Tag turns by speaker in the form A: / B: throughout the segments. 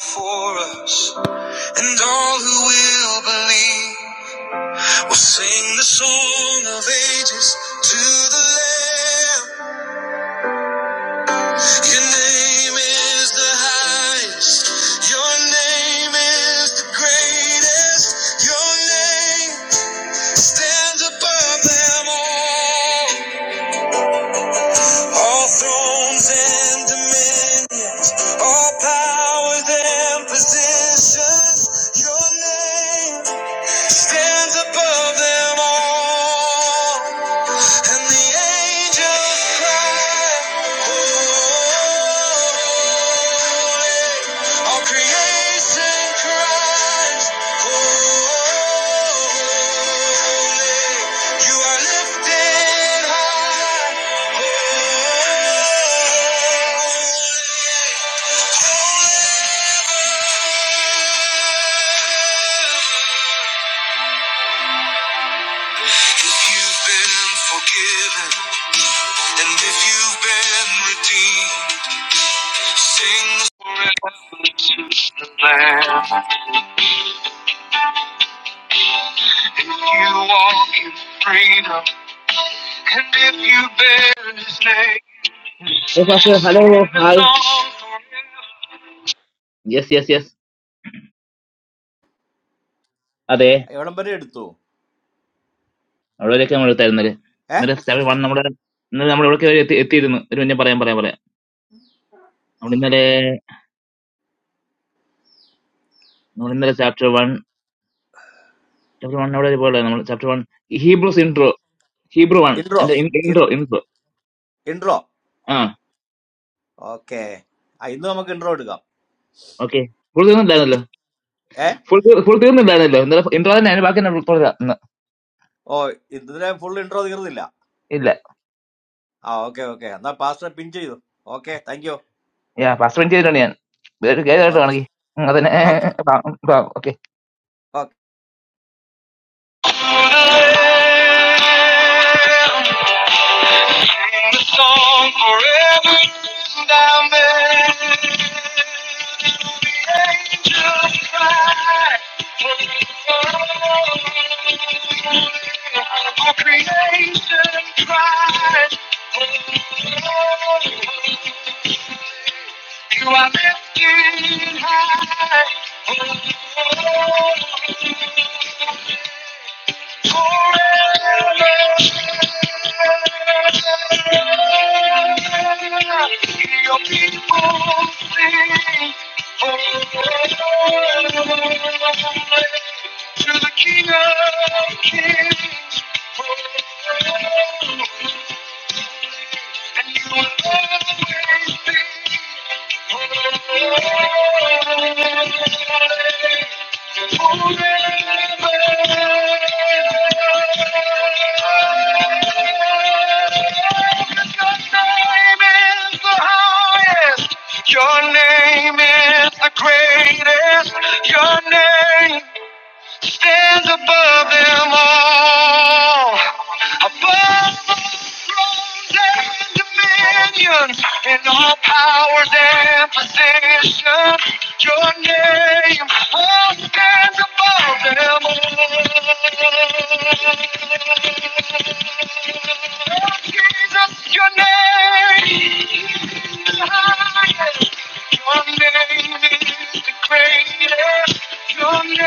A: for us, and all who will believe will sing the song of ages to the Lamb. Your name is the highest, your name is the greatest, your name stands above them all. All thrones and dominions, all powers and positions, your name. stands above them all, and the angels cry, Holy. All creation cries, Holy. You are lifted high, Holy. holy. If you've been forgiven and if you've been redeemed, sing the plan. If you walk in freedom and if you bear His name, sing the song forever. Yes, yes, yes. Adi,
B: എവിടം വരെ എടുത്തു
A: adi. Kya mula thay mere?
B: ഏ
A: Mere chapter one, na mera, mera mera kya yehi yehi thum. Runiya paray paray paray. Mere, mera chapter one, chapter one na mera chapter one. Hebrew intro, Hebrew one,
B: intro
A: and the intro, intro.
B: Intro
A: Ah.
B: Okay ഇന്ന് നമുക്ക് intro എടുക്കാം
A: Okay. Full time banana.
B: ഏ
A: Full full time banana. No introduction. I am walking. No, no.
B: ഓ ഇതിലെ full intro തീർന്നില്ല
A: No.
B: ആ okay okay എന്നാ pastor pin ചെയ്തു okay thank you
A: Yeah. Past twenty years. Yeah. We are
B: okay
A: together.
B: Okay
A: Okay.
B: Okay
A: Sing the song forever and amen. The angels cry, holy, holy. All creation cries, holy, holy. You are lifted high, holy, holy. Your people sing forever to the King of Kings forever, and you will always be forever. Your name is the greatest. Your name stands above them all, above the thrones and dominions, and all powers and positions. Your name all stands above them all. Oh, Jesus, your name. is the highest. Your name is the greatest. Your name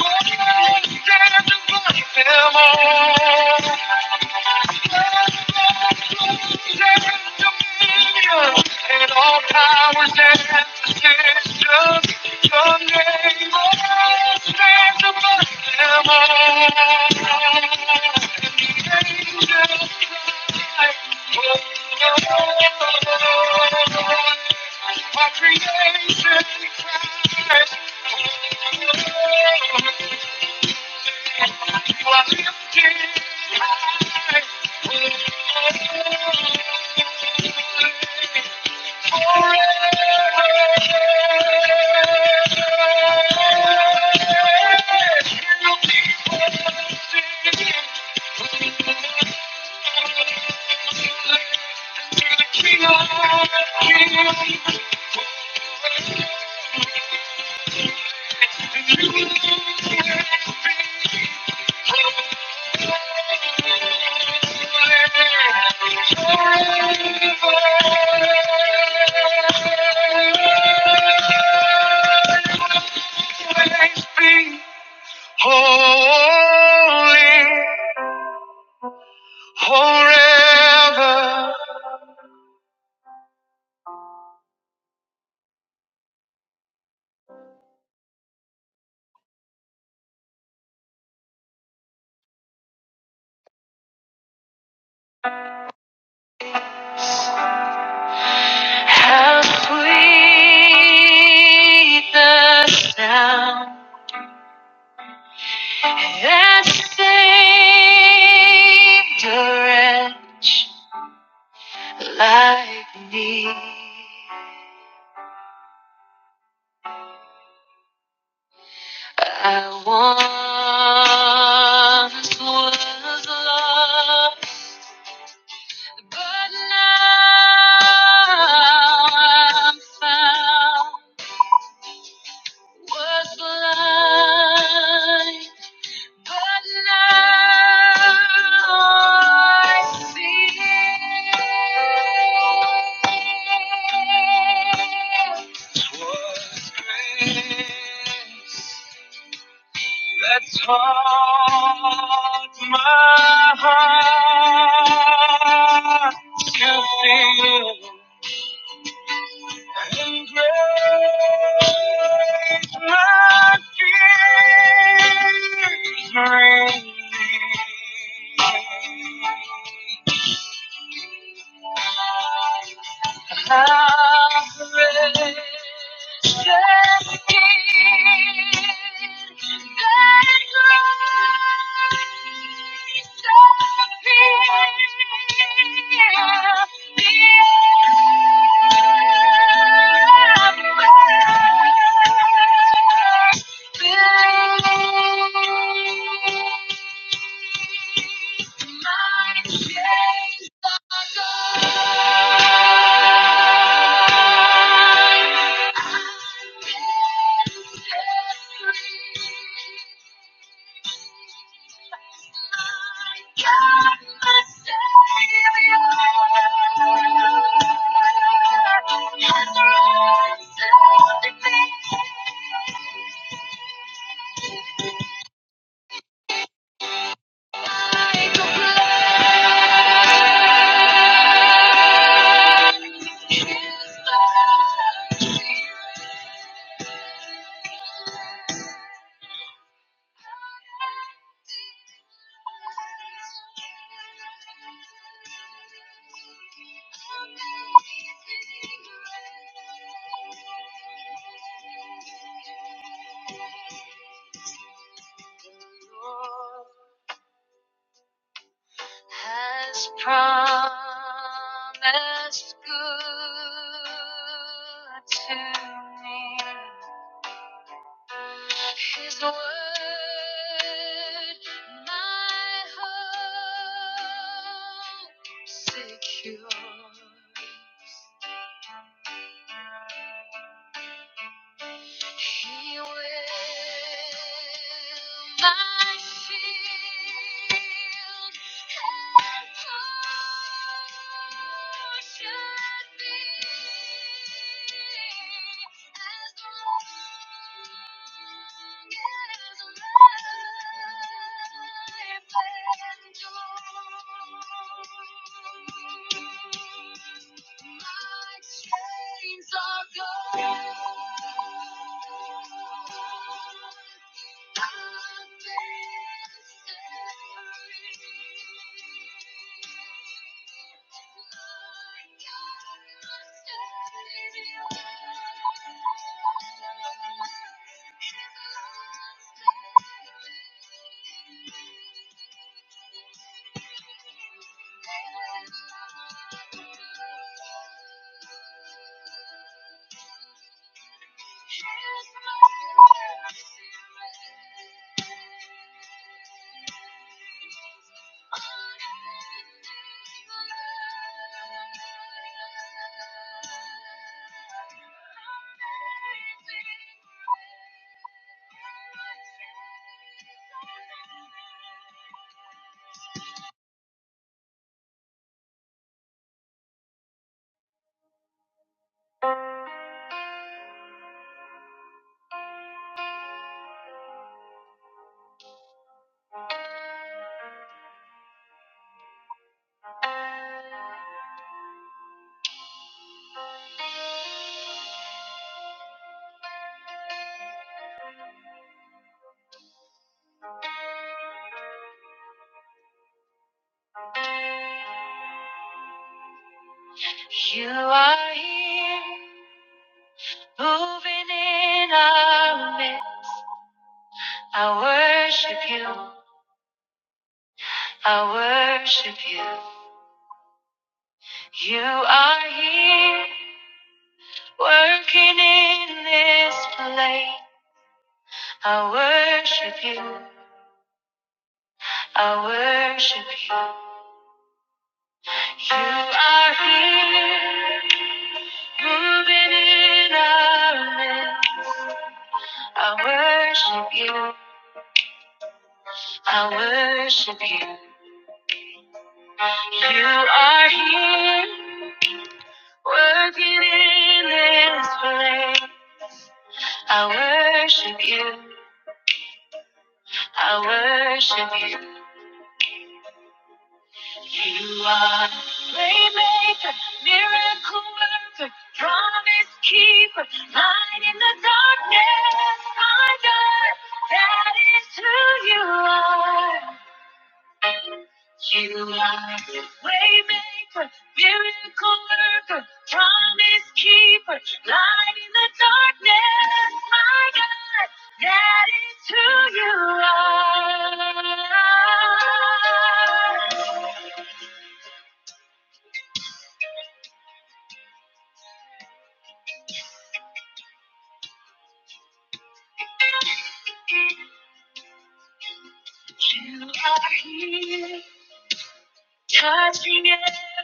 A: will stand above them all. And all powers and decisions. your name alone stands above them all. And the angels cry, Holy, holy. Our creation cries, oh Lord. You are lifted high. forever. you. are lifted high. Holy forever. How sweet the sound that saved a wretch. like me. I once was lost, but now I'm found. Was blind, but now I see. 'Twas grace. That's hard, my heart to feel. And great my fears remain. How precious is thy grace that healeth the afflicted. Thank you. has promised good to me. His word, my hope secures. He will my shield and portion be as the Thank you. You are here, moving in our midst. I worship you. I worship you. You are here, working in this place. I worship you. I worship you. You are here, moving in our midst. I worship you. I worship you. You are here, working in this place. I worship you, I worship you. You are waymaker, miracle worker, promise keeper, light in the darkness, my God. That is who you are. You are the waymaker, miracle worker, promise keeper, light in the darkness, my God, that is who you are. You are here, touching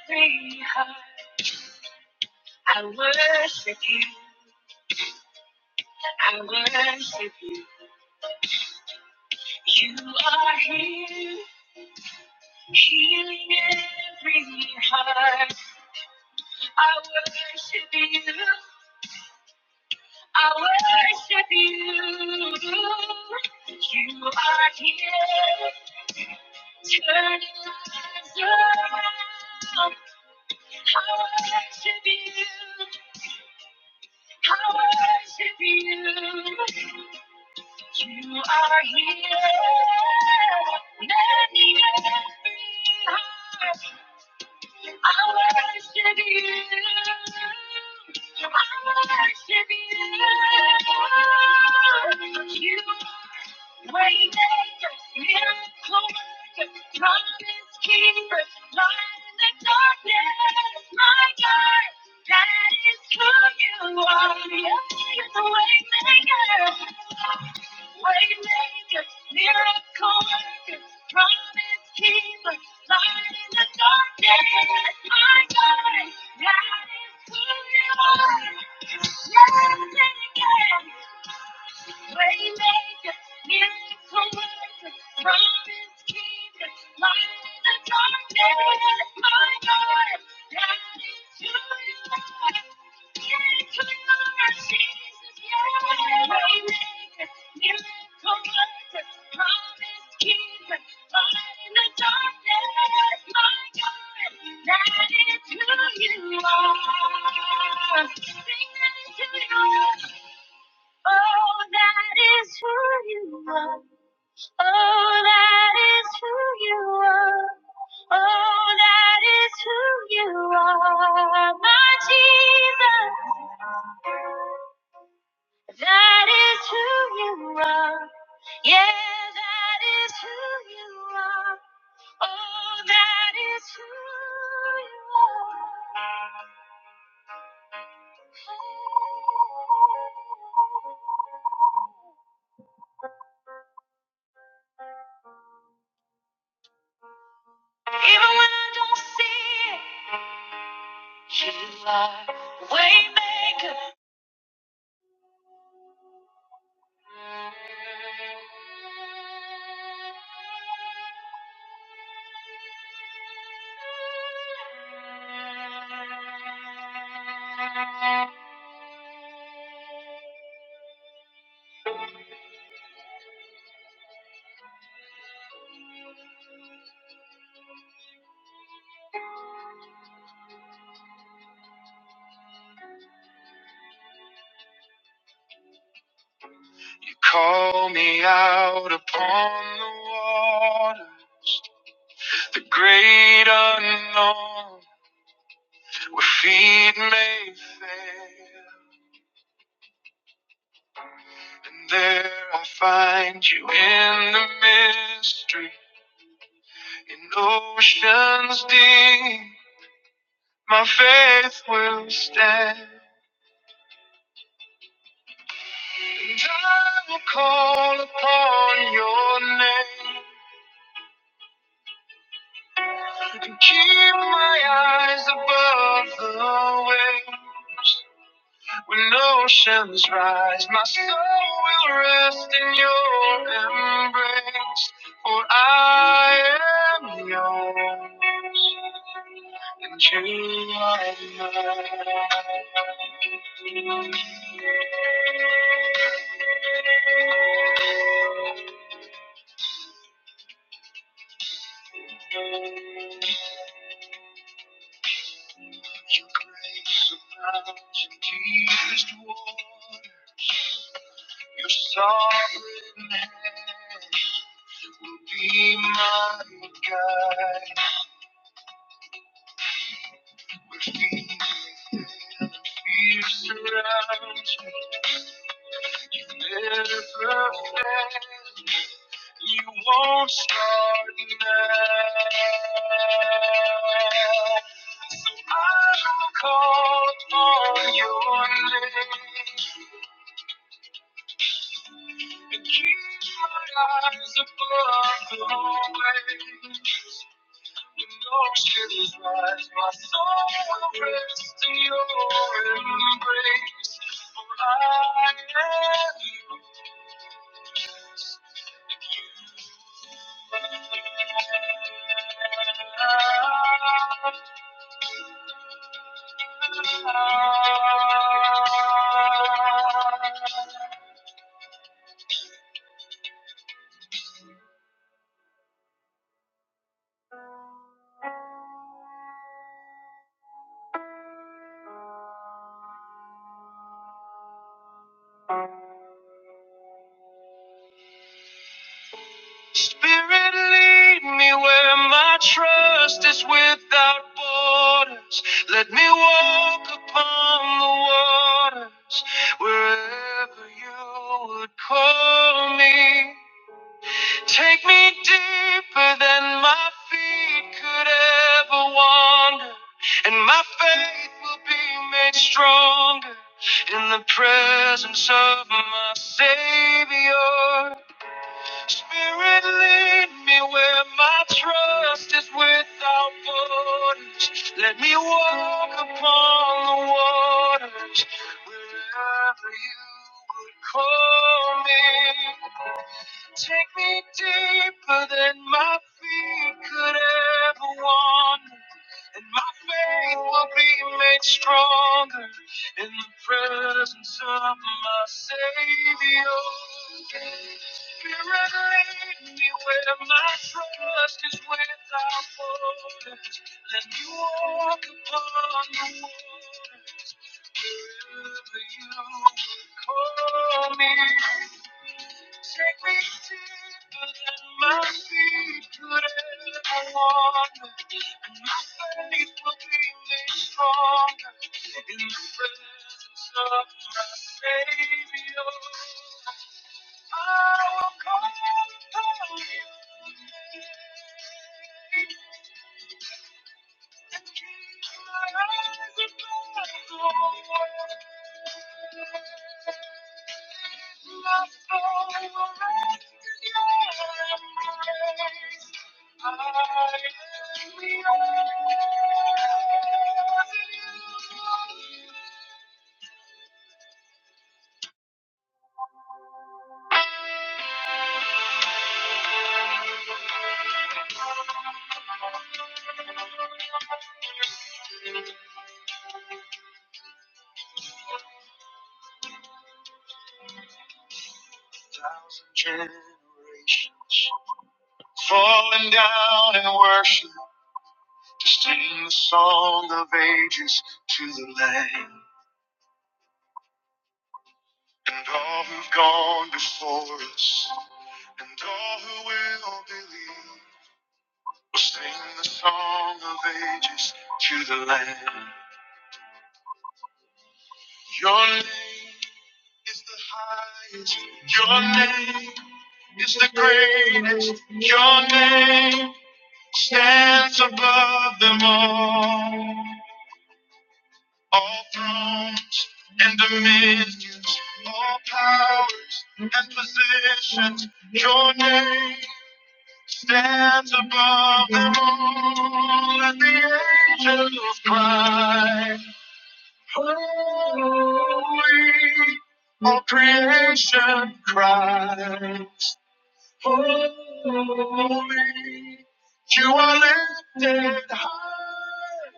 A: every heart. I worship you, I worship you. You are here. Healing every heart. I worship you. I worship you. You are here. Turning lives around. I worship you. I worship you. You are here. Many That is who you are. Yeah, that is who you are. Oh, that is who you are. Hey. Even when I don't see it, you are way maker. You call me out upon the water, the great unknown, where feet may fail. And there I find you in the mystery, In oceans deep, my faith will stand. And I will call upon your name to keep my eyes above the waves. When oceans rise, my soul will rest Spirit, lead me where my trust is without borders. Let me walk upon the waters wherever you would call me. Take me deeper than my feet could ever wander, and my faith will be made stronger in the presence of my Savior. falling down in worship to sing the song of ages to the Lamb and all who've gone before us and all who will believe will sing the song of ages to the Lamb. Your name is the highest. Your name is the greatest. Your name stands above them all. all thrones and dominions, all powers and positions. Your name stands above them all. Let the angels cry, holy. All creation cries, holy. You are lifted high.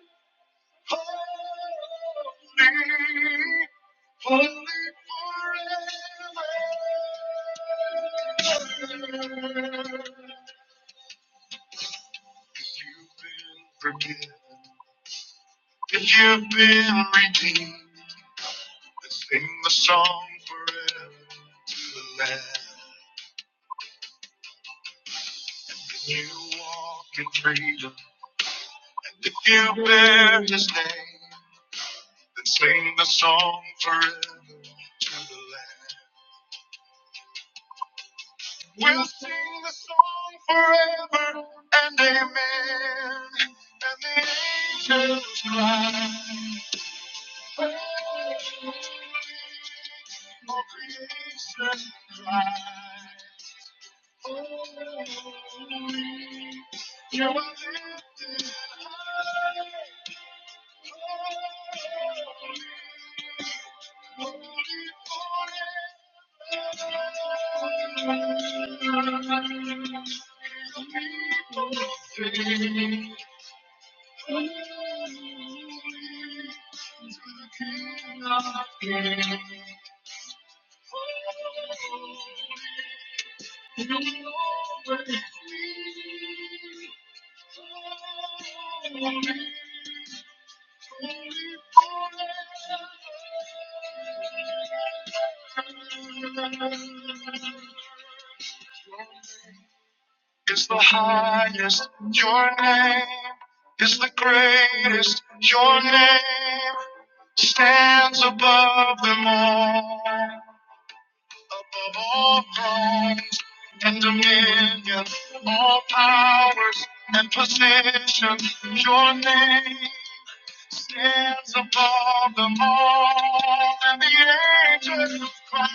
A: Holy, holy forever. You've been forgiven. and You've been redeemed. Let's sing the song forever to the Lamb. And you walk in freedom. And if you bear His name, then sing the song forever to the Lamb. We'll sing the song forever and amen. And the angels cry, It's the highest, your name is the greatest, your name stands above them all. Above all thrones and dominions, all powers and positions, your name stands above them all, and the angels cry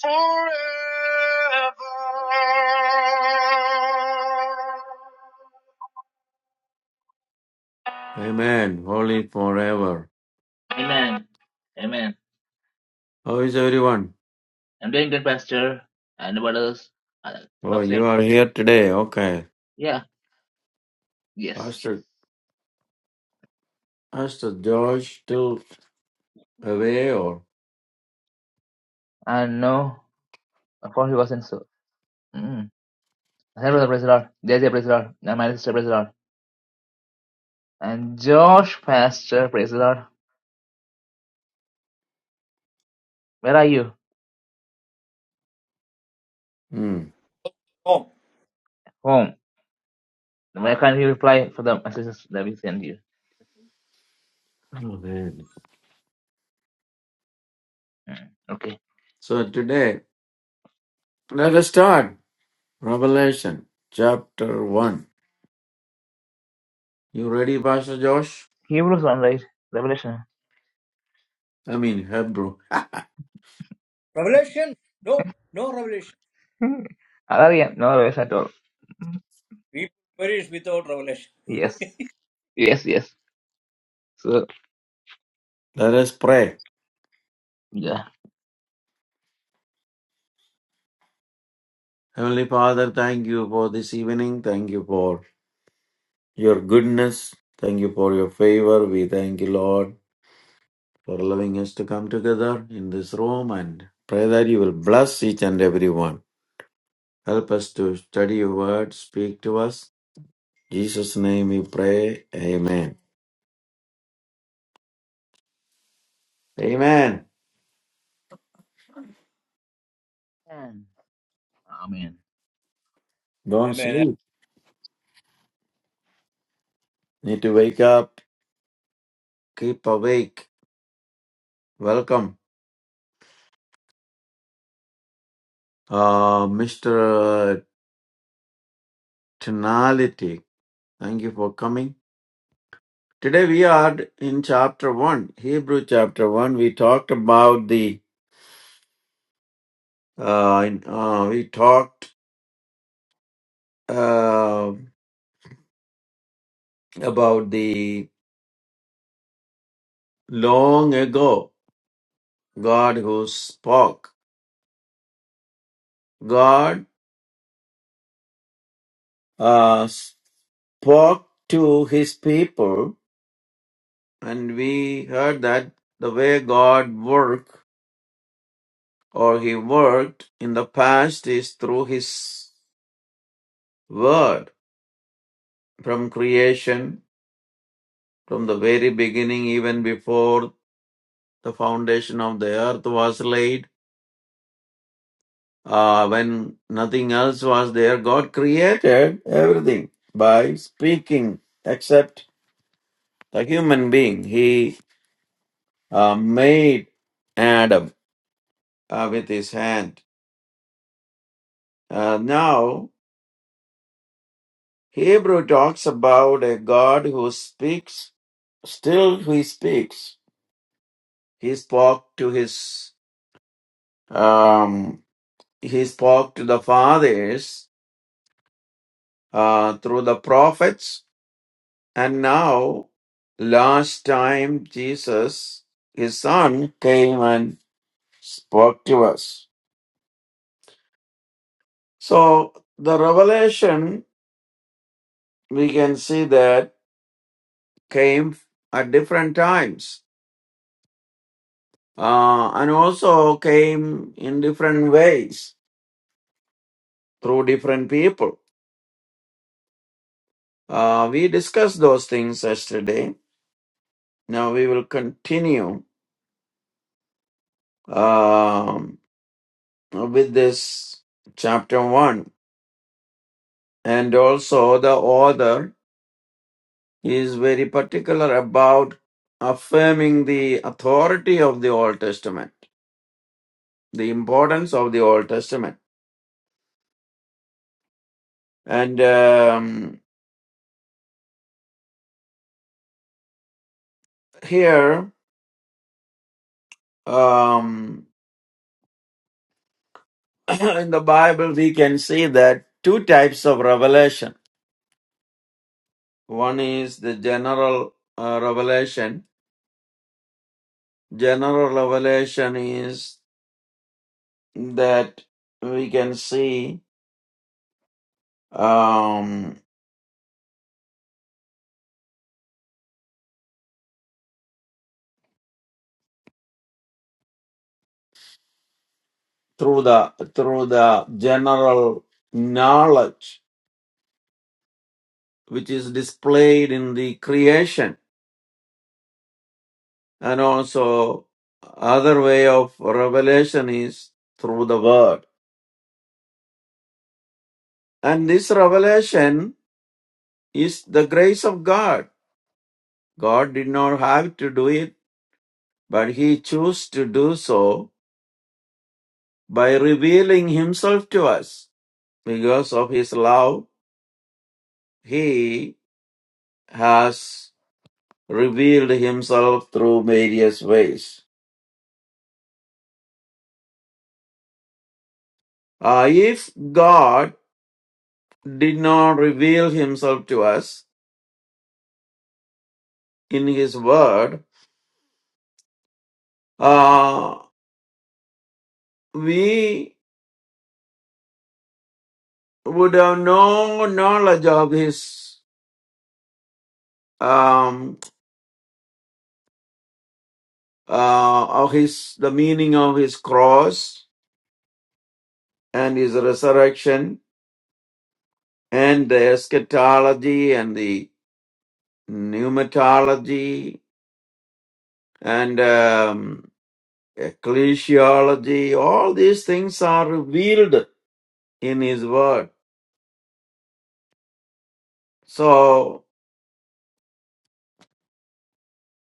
A: forever.
C: Amen. Holy forever.
A: Amen. Amen.
C: How is everyone?
A: I'm doing good, Pastor. And what else? Uh,
C: Oh,
A: hope so.
C: you are here today. Okay.
A: Yeah. Yes.
C: Pastor, Pastor George still away or?
A: And no, of course he wasn't so. Mm. Sam Fraser, praise the Lord. JJ, praise the Lord. And my sister, praise the Lord. And Josh, pastor, praise the Lord. Where are you?
C: Hmm.
B: Oh,
A: Home. Why can not you reply for the messages that we send you?
C: Amen.
A: Okay.
C: So today, let us start Revelation chapter 1. You ready, Pastor Josh?
A: Hebrews 1, right? Revelation.
C: I mean, Hebrew.
B: revelation? No, no revelation.
A: Hmm. Hallelujah. No worries at all.
B: We perish without revelation.
A: Yes. Yes, yes. So,
C: Let us pray.
A: yeah.
C: Heavenly Father, thank you for this evening. Thank you for your goodness. Thank you for your favor. We thank you, Lord. for allowing us to come together in this room and pray that you will bless each and every one. Help us to study your word, speak to us. In Jesus' name we pray. Amen. Amen.
A: Amen. Amen.
C: Don't
B: Amen.
C: sleep. Need to wake up. Keep awake. Welcome. Uh, Mr. Tonality. Thank you for coming. Today we are in chapter 1, Hebrew chapter 1. We talked about the, uh, in- uh, we talked uh, about the long ago God who spoke. God uh, spoke to his people, and we heard that the way God worked or he worked in the past is through his word from creation, from the very beginning, even before the foundation of the earth was laid uh, when nothing else was there, God created everything by speaking, except the human being. He uh, made Adam uh, with his hand. Uh, now, Hebrew talks about a God who speaks, still he speaks. He spoke to his, um, he spoke to the fathers uh, through the prophets And now, last time Jesus, his son, came and spoke to us. So the revelation, we can see that came at different times uh, and also came in different ways through different people. Uh, we discussed those things yesterday. Now we will continue um, with this chapter 1 and also the author He is very particular about affirming the authority of the Old Testament, the importance of the Old Testament. And um, here um, in the Bible, we can see that two types of revelation. One is the general uh, revelation. General revelation is that we can see um, through the through the general knowledge which is displayed in the creation and also other way of revelation is through the word and this revelation is the grace of god god did not have to do it but he chose to do so by revealing himself to us because of his love he has revealed himself through various ways Uh, if god did not reveal himself to us in His Word, uh, we would have no knowledge of His um, uh, of His the meaning of His cross and His resurrection and the eschatology and the pneumatology and um, ecclesiology. All these things are revealed in His Word. So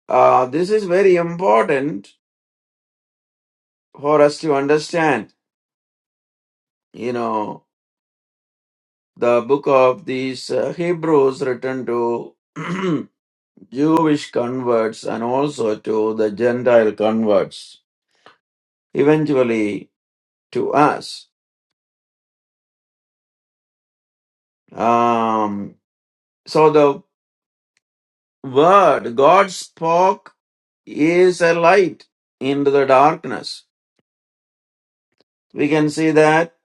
C: uh, this is very important for us to understand you know, the book of these uh, Hebrews written to Jewish converts and also to the Gentile converts, eventually to us. Um, so the word God spoke is a light into the darkness. We can see that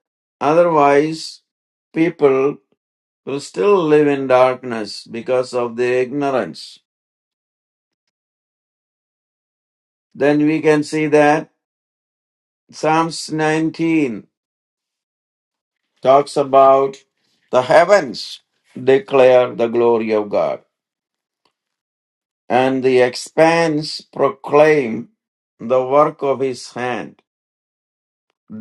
C: otherwise people will still live in darkness because of the ignorance. Then we can see that Psalms 19 talks about the heavens declare the glory of God, and the expanse proclaim the work of his hand.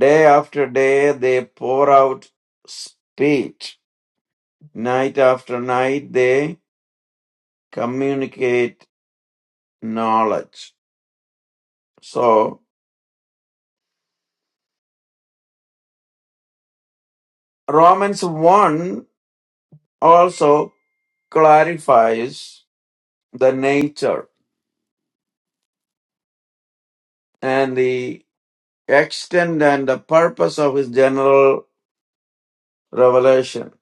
C: Day after day they pour out speech, night after night they communicate knowledge. So, Romans 1 also clarifies the nature and the extent and the purpose of his general revelation.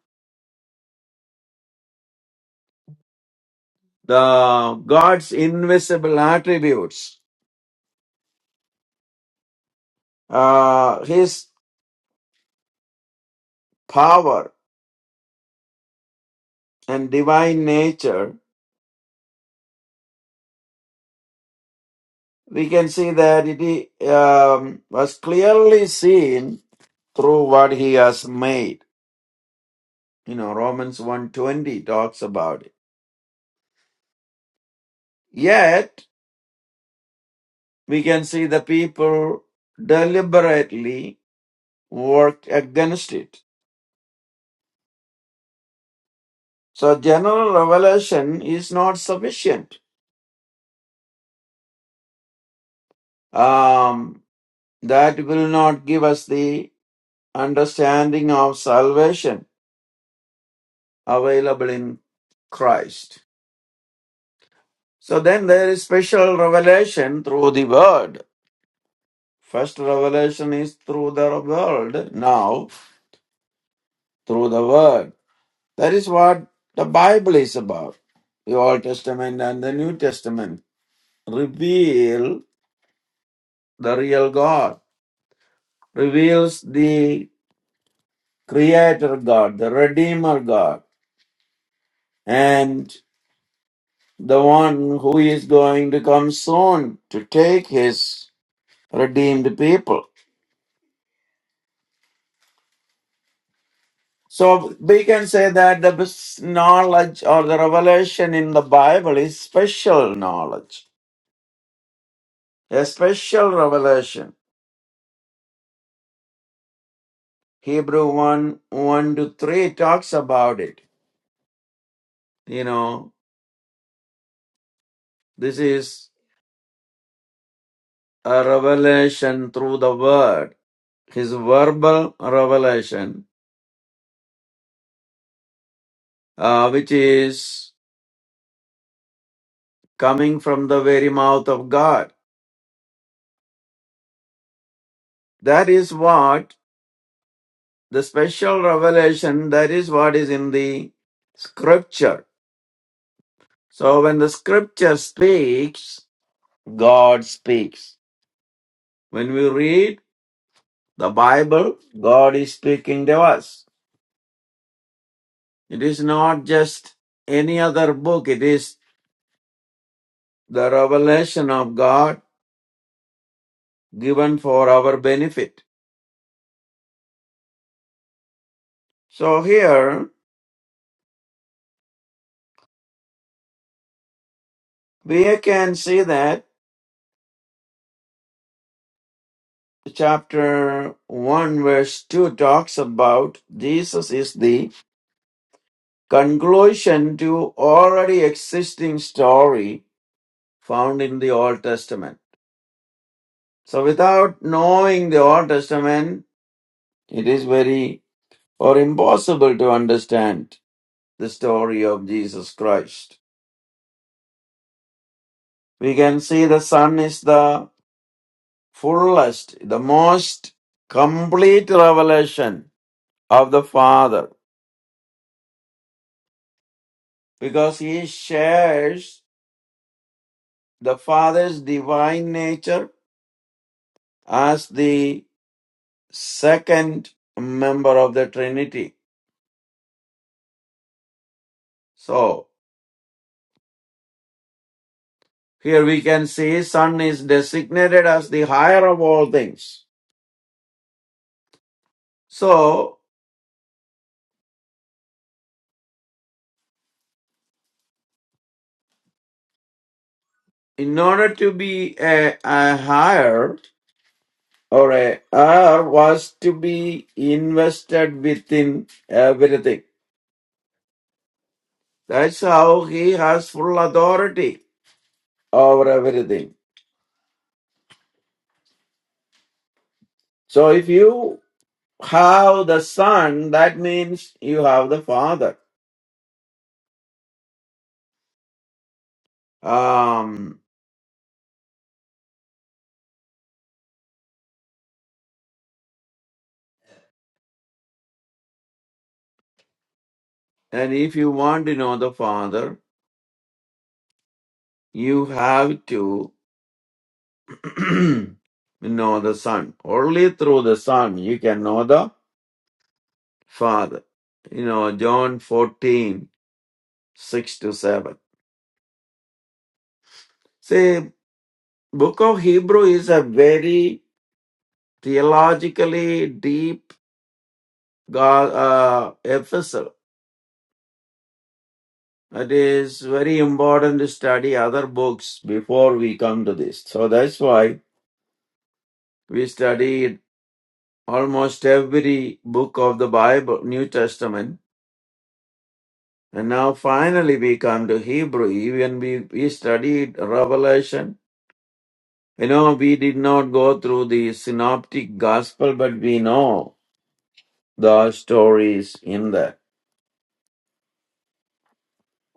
C: The God's invisible attributes, uh, his power and divine nature, we can see that it um, was clearly seen through what he has made. You know, Romans one twenty talks about it. Yet, we can see the people deliberately worked against it So general revelation is not sufficient. Um, that will not give us the understanding of salvation available in Christ. So then there is special revelation through the word. First revelation is through the word, now through the word. That is what the Bible is about. The Old Testament and the New Testament reveal the real God, reveals the Creator God, the Redeemer God, and the one who is going to come soon to take his redeemed people. So we can say that the bes- knowledge or the revelation in the Bible is special knowledge, a special revelation. Hebrew 1 1 to 3 talks about it. You know, this is a revelation through the word, his verbal revelation uh, which is coming from the very mouth of God. That is what the special revelation, that is what is in the scripture. So when the scripture speaks, God speaks. When we read the Bible, God is speaking to us. It is not just any other book, it is the revelation of God given for our benefit. So here we can see that chapter 1 verse 2 talks about jesus is the conclusion to already existing story found in the old testament so without knowing the old testament it is very or impossible to understand the story of jesus christ we can see the son is the fullest the most complete revelation of the father because he shares the Father's divine nature as the second member of the Trinity. So here we can see Son is designated as the higher of all things. So in order to be a, a higher or a heir was to be invested within everything. That's how he has full authority over everything. So if you have the son, that means you have the father. Um, and if you want to know the father, you have to know the son. Only through the son you can know the father. You know, John 14 6 to 7. See, book of Hebrew is a very theologically deep God, uh, epistle It is very important to study other books before we come to this. So that's why we studied almost every book of the Bible, New Testament. And now finally we come to Hebrew. Even we, we studied Revelation. You know, we did not go through the synoptic gospel, but we know the stories in that.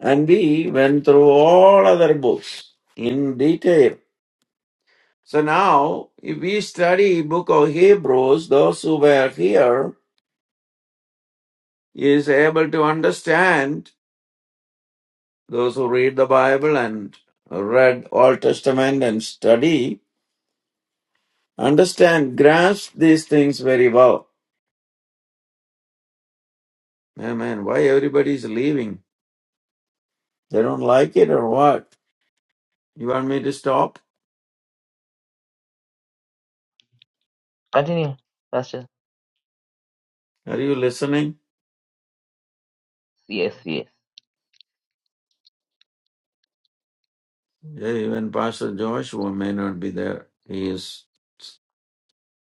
C: And we went through all other books in detail So now, if we study book of Hebrews, those who were here is able to understand, those who read the Bible and read Old Testament and study, understand, grasp these things very well. Amen. Why everybody is leaving? They don't like it or what? You want me to stop?
A: Continue, pastor.
C: Are you listening?
A: Yes, yes.
C: Yeah, even Pastor Joshua may not be there. He is,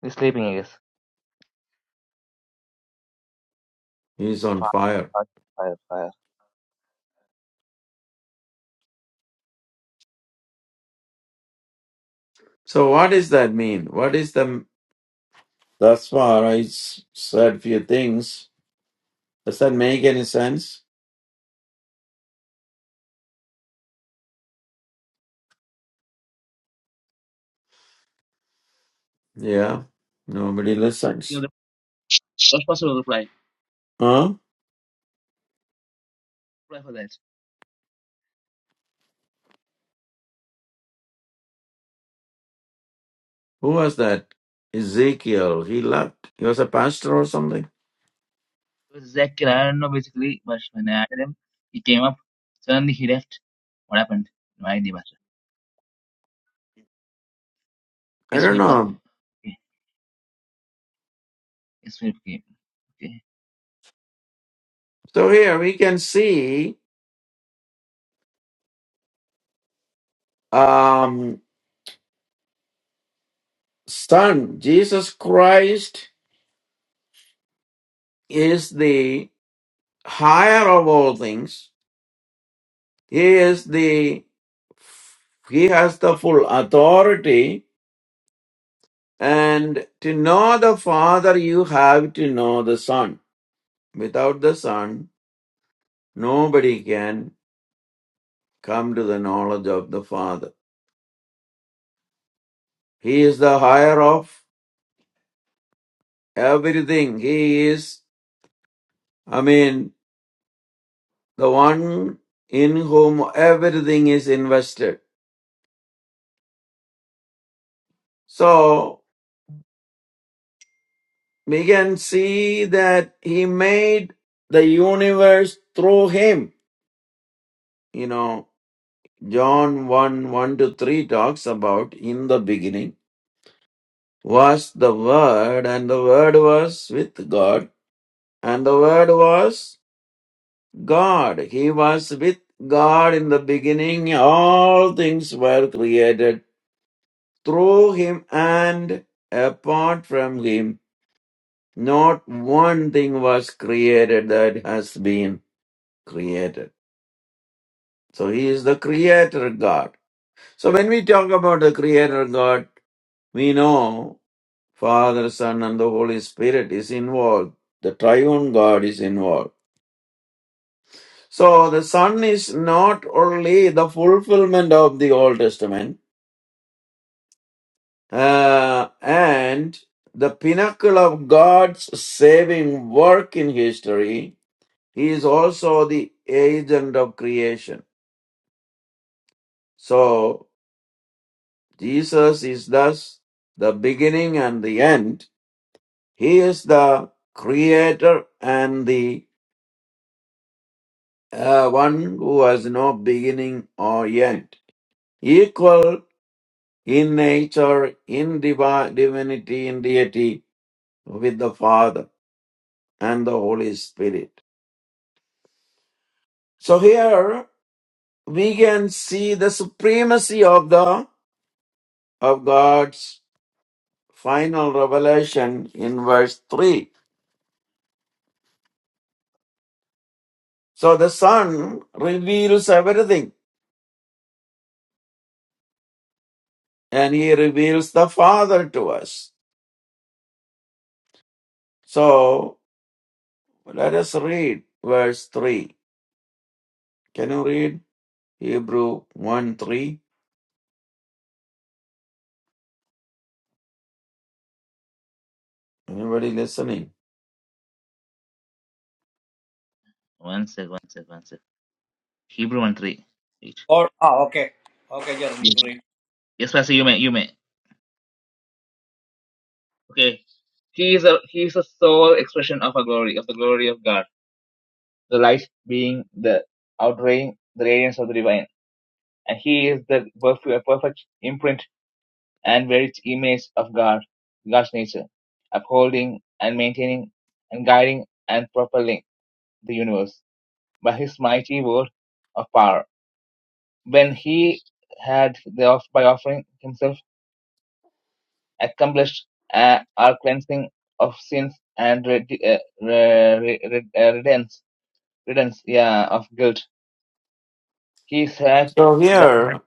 A: You're sleeping, I guess.
C: he is on fire. So what does that mean? What is the That's what I s- said few things. Does that make any sense? Yeah. Nobody listens.
A: Bye.
C: Huh?
A: Reply for that.
C: Who was that? Ezekiel. He left. He was a pastor or something.
A: It was Ezekiel. I don't know basically, but when I added him, he came up. Suddenly he left. What happened? No idea, Master.
C: I
A: Yes,
C: don't
A: Philip.
C: know.
A: Okay. Yes, Philip came. Okay.
C: So here we can see um Son, Jesus Christ is the higher of all things. He is the he has the full authority And to know the Father, you have to know the Son. Without the Son, nobody can come to the knowledge of the Father. He is the higher of everything. He is, I mean, the one in whom everything is invested. So we can see that He made the universe through Him. You know, John 1 1 to 3 talks about in the beginning was the Word, and the Word was with God, and the Word was God. He was with God in the beginning. All things were created through Him and apart from Him. Not one thing was created that has been created. So He is the Creator God. So when we talk about the Creator God, we know. Father, Son, and the Holy Spirit is involved. The triune God is involved. So the Son is not only the fulfillment of the Old Testament uh, and the pinnacle of God's saving work in history, He is also the agent of creation. So Jesus is thus the beginning and the end. He is the creator and the uh, one who has no beginning or end, equal in nature, in divi- divinity, in deity with the Father and the Holy Spirit. So here we can see the supremacy of the of God's final revelation in verse 3. So the Son reveals everything and he reveals the Father to us. So let us read verse 3. Can you read? Hebrew 1 3. Anybody listening?
A: One sec, one sec, one sec. Hebrew one three eight.
B: Or ah, okay, okay, Jeremy, you read.
A: Yes, Pastor, you may, you may. Okay. He is a he is a sole expression of a glory, of the glory of God. The light being the outweighing the radiance of the divine. And he is the perfect, perfect imprint and were its image of God, God's nature, upholding and maintaining and guiding and propelling the universe by his mighty word of power. When he had the by offering himself accomplished uh, our cleansing of sins and red- uh, re- re- uh, redence, redence, yeah, of guilt, he sat
C: So
A: down.
C: here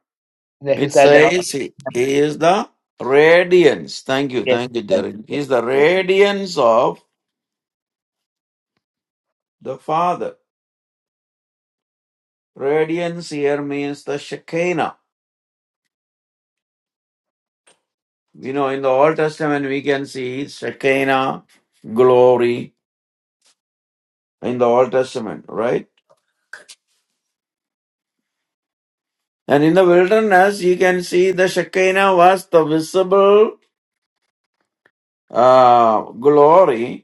A: He
C: it
A: sat down.
C: says he, he is the radiance. Thank you,
A: Yes,
C: thank you,
A: yes,
C: Derek. He
A: yes.
C: is the radiance of the Father. Radiance here means the Shekinah. You know, in the Old Testament, we can see Shekinah, glory in the Old Testament, right? And in the wilderness, you can see the Shekinah was the visible uh, glory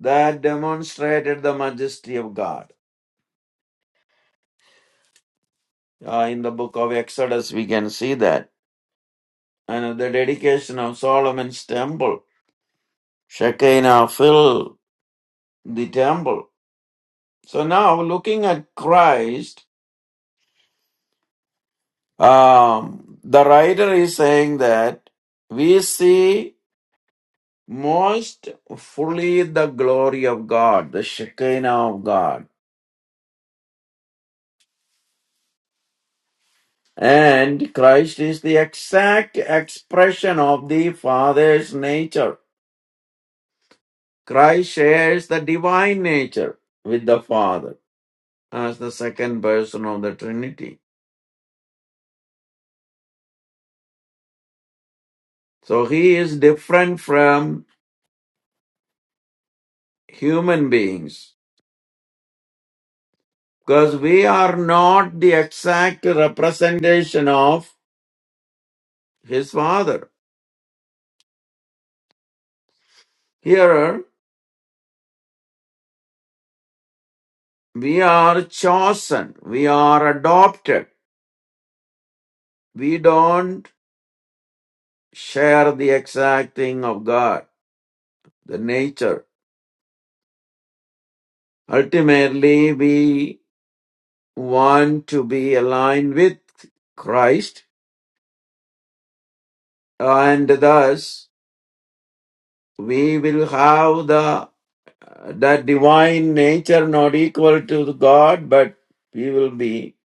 C: that demonstrated the majesty of God. Uh, in the book of Exodus, we can see that. And at the dedication of Solomon's temple, Shekinah filled the temple. So now, looking at Christ, um, the writer is saying that we see most fully the glory of God, the Shekinah of God. And Christ is the exact expression of the Father's nature. Christ shares the divine nature with the Father as the second person of the Trinity. So he is different from human beings because we are not the exact representation of his Father. Here we are chosen, we are adopted. We don't share the exact thing of God, the nature. Ultimately, we want to be aligned with Christ, and thus we will have the that divine nature not equal to God, but we will be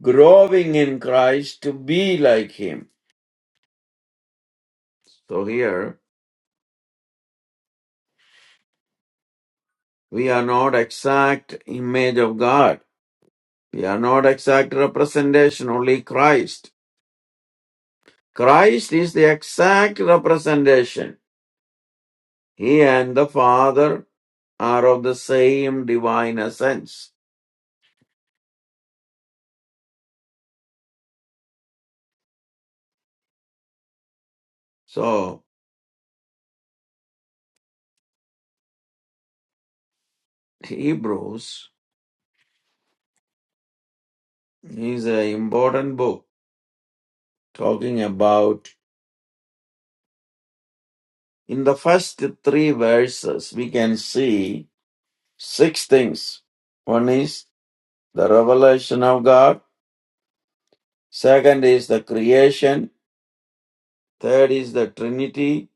C: growing in Christ to be like Him. So here we are not exact image of God. We are not exact representation, only Christ. Christ is the exact representation. He and the Father are of the same divine essence. So, Hebrews is an important book talking about, in the first three verses, we can see six things. One is the revelation of God, second is the creation, third is the Trinity,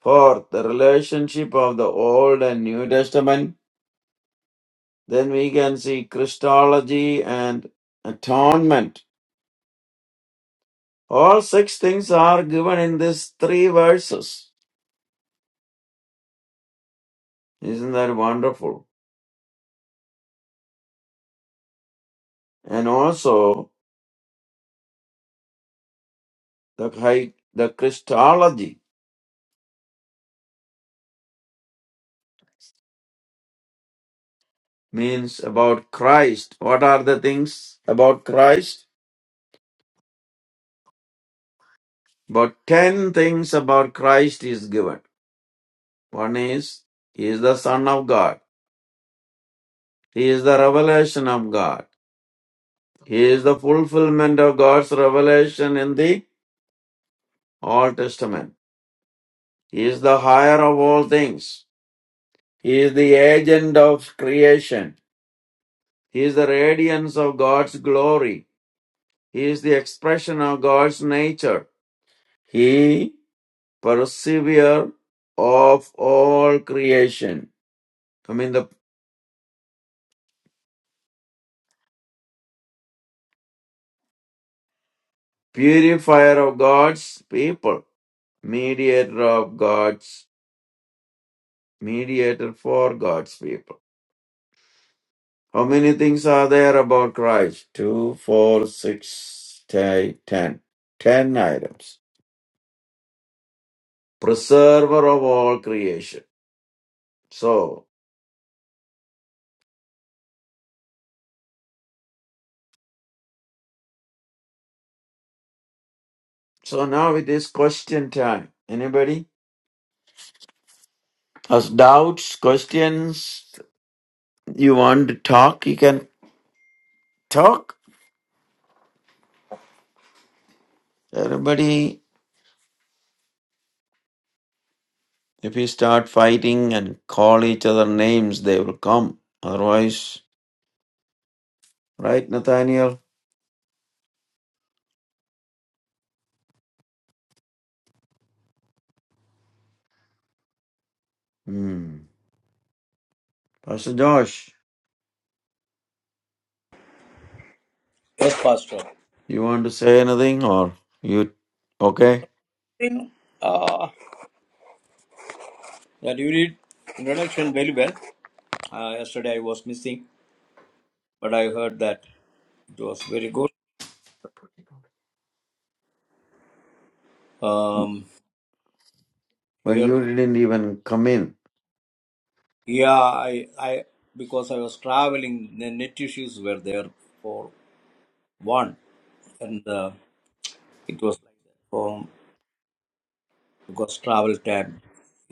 C: fourth, the relationship of the Old and New Testament. Then we can see Christology and atonement All six things are given in these three verses. Isn't that wonderful? And also, the, chi- the Christology means about Christ. What are the things about Christ? About 10 things about Christ is given. One is, He is the Son of God. He is the revelation of God. He is the fulfillment of God's revelation in the Old Testament. He is the higher of all things. He is the agent of creation. He is the radiance of God's glory. He is the expression of God's nature. He perseverer of all creation. I mean the purifier of God's people, mediator of God's mediator for God's people. How many things are there about Christ? Two, four, six, Ten ten. Ten items. Preserver of all creation So, so now it is question time. Anybody has doubts, questions? You want to talk? You can talk. Everybody, if you start fighting and call each other names, they will come. Otherwise, right, Nathaniel? Hmm. Pastor Josh,
B: Yes, Pastor.
C: you want to say anything or you okay?
B: In, uh, that you read introduction very well. Uh, yesterday I was missing, but I heard that it was very good. Um,
C: But
B: here,
C: you didn't even come in.
B: yeah, I, I, because I was traveling, the net issues were there for one, and uh, it was like that for because travel time,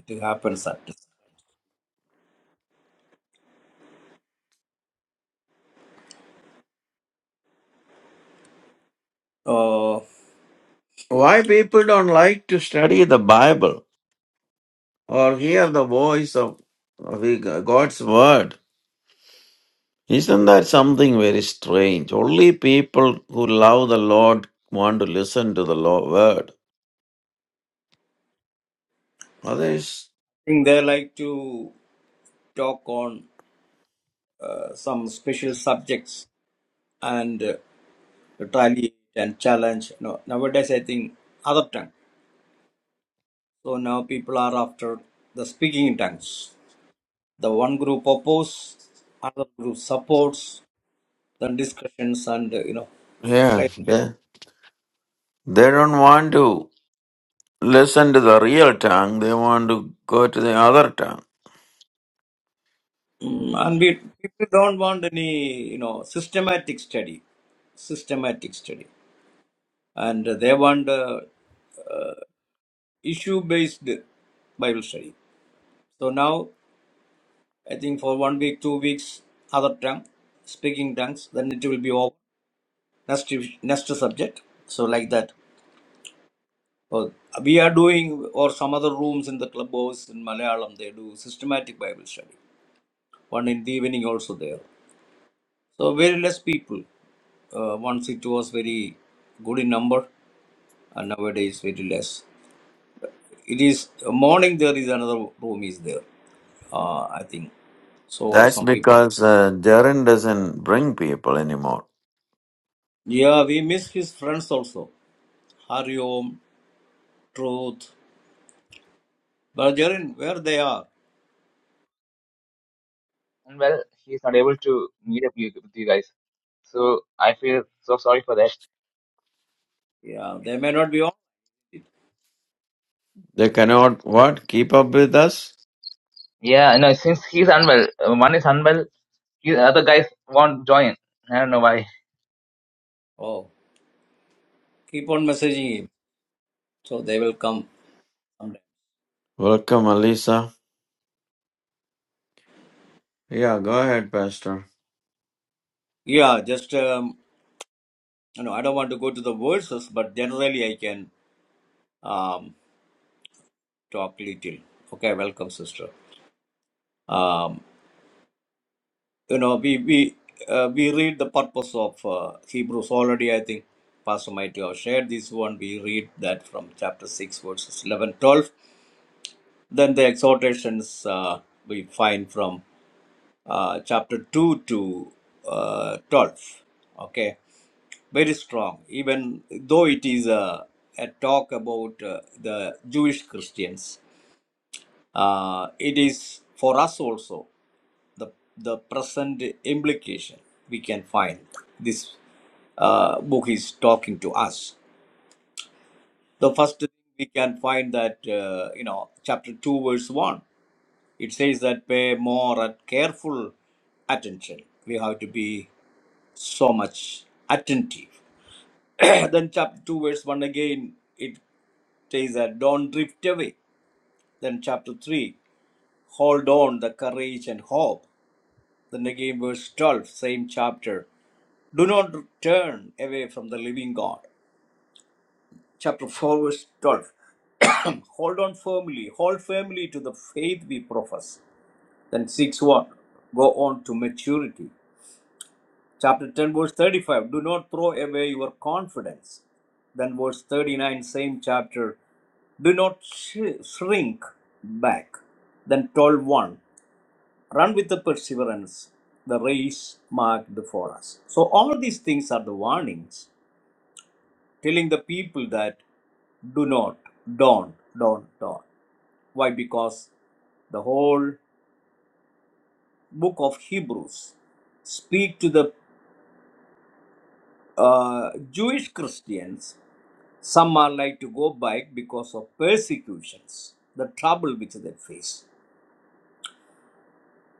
B: it happens at. Uh, I
C: Why people don't like to study the Bible or hear the voice of of the God's word? Isn't that something very strange? Only people who love the Lord want to listen to the Lord word. Others,
B: think they like to talk on uh, some special subjects and uh, retaliate and challenge. No, nowadays I think other tongue. So now people are after the speaking in tongues. The one group oppose, another group supports the discussions and uh, you know
C: yeah,
B: like
C: they, they don't want to listen to the real tongue. They want to go to the other tongue.
B: mm, and we people don't want any you know systematic study systematic study and they want uh, uh, issue based bible study so now i think for one week two weeks other tongue speaking tongues then it will be over next next subject so like that so we are doing or some other rooms in the clubhouse in malayalam they do systematic bible study one in the evening also there So very less people. Uh, once it was very good in number, and nowadays very less. It is uh, morning. There is another room is there. Uh, I think so.
C: That's
B: Some people.
C: because uh, Jaren doesn't bring people anymore.
B: Yeah, we miss his friends also. Hariom, Truth, Bajarin, where they are.
A: And well, he is not able to meet up with you guys. So I feel so sorry for that.
B: Yeah, they may not be on.
C: They cannot, what, keep up with us?
A: Yeah, no, since he's unwell, uh, one is unwell, the other guys won't join. I don't know why.
B: Oh, keep on messaging him. So they will come. someday.
C: Welcome, Alisa. Yeah, go ahead, Pastor.
B: Yeah, just um, you know, I don't want to go to the verses, but generally I can um, talk little. Okay, welcome, sister. um, you know we we uh, we read the purpose of uh, hebrews already i think pastor might have shared this one we read that from chapter 6 verses 11, 12. then the exhortations uh, we find from uh, chapter 2 to uh, 12 okay very strong even though it is a, a talk about uh, the jewish christians uh, it is for us also the the present implication we can find this uh, book is talking to us the first thing we can find that uh, you know chapter 2 verse 1 it says that pay more and careful attention we have to be so much attentive then chapter 2 verse 1 again it says that don't drift away then chapter 3 hold on the courage and hope then again verse 12 same chapter Do not turn away from the living God. Chapter 4, verse 12. Hold on firmly, hold firmly to the faith we profess. Then 6 1. Go on to maturity. Chapter 10, verse 35. Do not throw away your confidence. Then verse 39, same chapter. Do not sh- shrink back. Then twelve one. Run with the perseverance, the race marked for us. So, all these things are the warnings telling the people that do not, don't, don't, don't. Why? Because the whole book of Hebrews speak to the uh, Jewish Christians. Some are like to go back because of persecutions, the trouble which they face,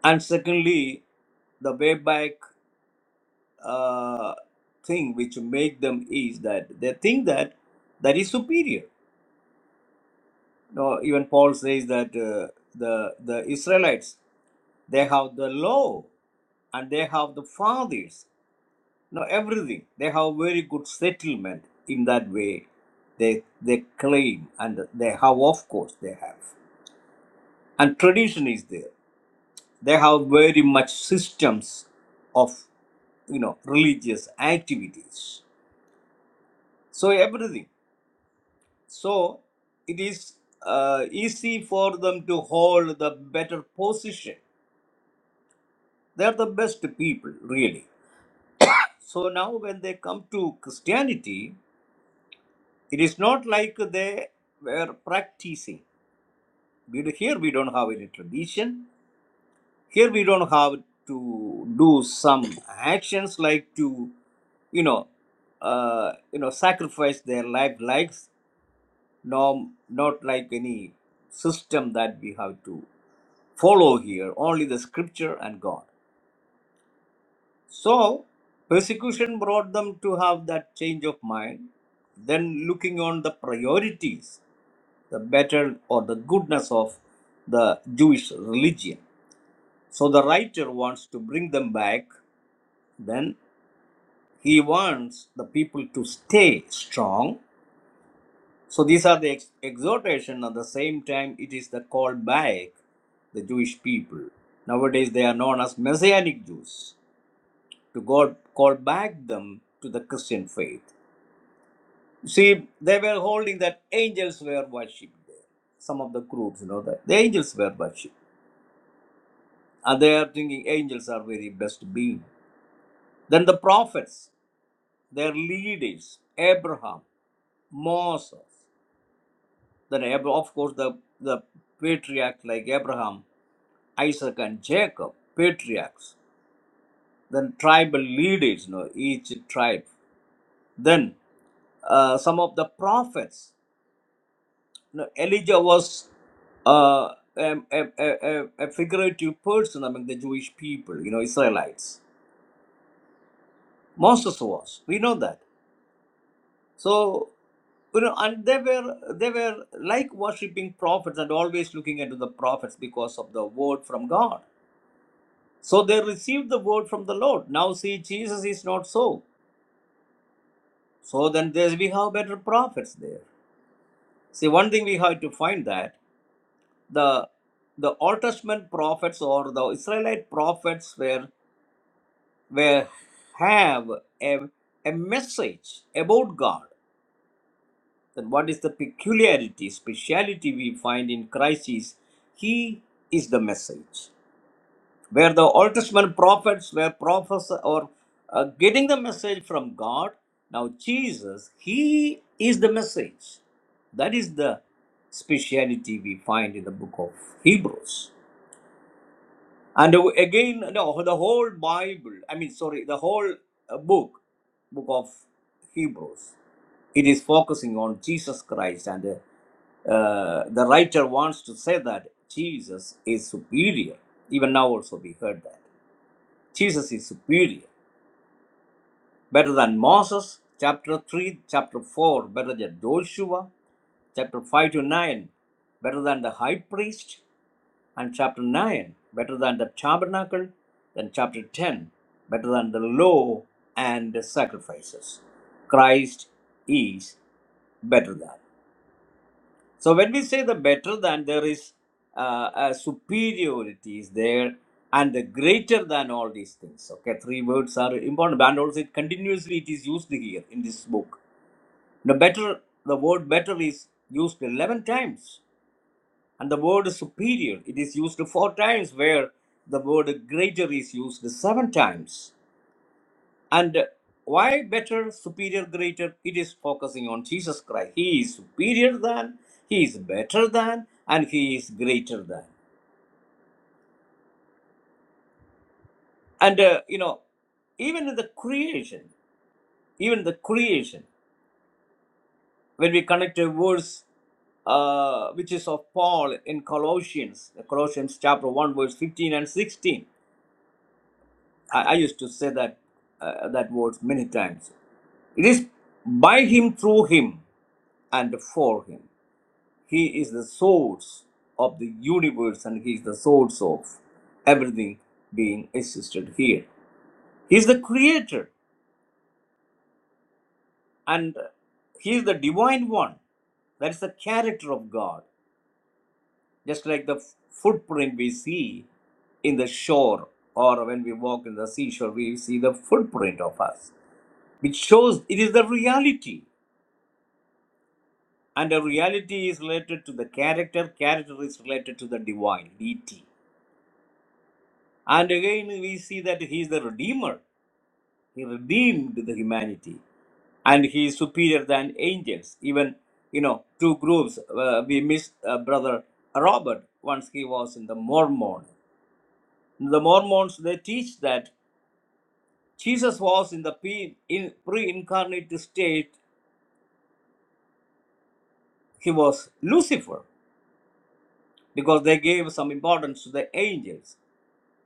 B: and secondly, the way back uh, thing which make them is that they think that that is superior. No, even Paul says that uh, the the Israelites. They have the law and they have the fathers. No, everything. They have very good settlement in that way. They they claim and they have of course they have. And tradition is there. They have very much systems of you know religious activities. So everything. So it is uh, easy for them to hold the better position. They are the best people, really. So now, when they come to Christianity, it is not like they were practicing. We, here we don't have any tradition. Here we don't have to do some actions like to, you know, uh, you know, sacrifice their life likes. No, not like any system that we have to follow here. Only the Scripture and God. So, persecution brought them to have that change of mind, then looking on the priorities, the better or the goodness of the Jewish religion. So, the writer wants to bring them back, then he wants the people to stay strong. So, these are the ex- exhortation at the same time, it is the call back the Jewish people. Nowadays, they are known as Messianic Jews. To God, call back them to the Christian faith. See, they were holding that angels were worshipped there. Some of the groups, you know, that the angels were worshipped. And they are thinking angels are very best being. Then the prophets, their leaders, Abraham, Moses, then Ab- of course the, the patriarchs like Abraham, Isaac and Jacob, patriarchs, then tribal leaders, you know, each tribe. Then uh, some of the prophets. No, Elijah was uh, a, a, a, a a figurative person among the Jewish people, you know, Israelites. Moses was. We know that. So, you know, and they were they were like worshipping prophets and always looking into the prophets because of the word from God. So they received the word from the Lord. Now see, Jesus is not so. So then there's we have better prophets there. See, one thing we have to find that. the the Old Testament prophets or the Israelite prophets were were have a, a message about God. Then what is the peculiarity, speciality we find in Christ is He is the message. Where the Old Testament prophets were prophets or uh, getting the message from God, now Jesus, He is the message. That is the speciality we find in the book of Hebrews. And again, no, the whole Bible, I mean, sorry, the whole uh, book, book of Hebrews, it is focusing on Jesus Christ. And uh, uh, the writer wants to say that Jesus is superior. Even now, also, we heard that. Jesus is superior, better than Moses, chapter 3, chapter 4, better than Joshua, chapter 5 to 9, better than the high priest, and chapter 9 better than the tabernacle then chapter 10 better than the law and the sacrifices christ is better than so when we say the better than there is uh, a superiority is there and the greater than all these things okay three words are important and also it continuously it is used here in this book the better the word better is used 11 times and the word superior, it is used four times, where the word greater is used seven times. And why better, superior, greater? It is focusing on Jesus Christ. He is superior than, He is better than, and He is greater than. And, uh, you know, even in the creation, even the creation, when we connect a verse uh, which is of Paul in Colossians, Colossians chapter 1, verse 15 and 16. I, I used to say that uh, that word many times. It is by him, through him, and for him. He is the source of the universe, and he is the source of everything being existed here. He is the creator, and he is the divine one. That is the character of God, just like the f- footprint we see in the shore or when we walk in the seashore, we see the footprint of us, which shows it is the reality. and the reality is related to the character character is related to the divine deity. and again we see that he is the redeemer he redeemed the humanity and he is superior than angels even you know two groups uh, we missed uh, brother robert once he was in the mormon the mormons they teach that jesus was in the pre- in pre-incarnate state he was lucifer because they gave some importance to the angels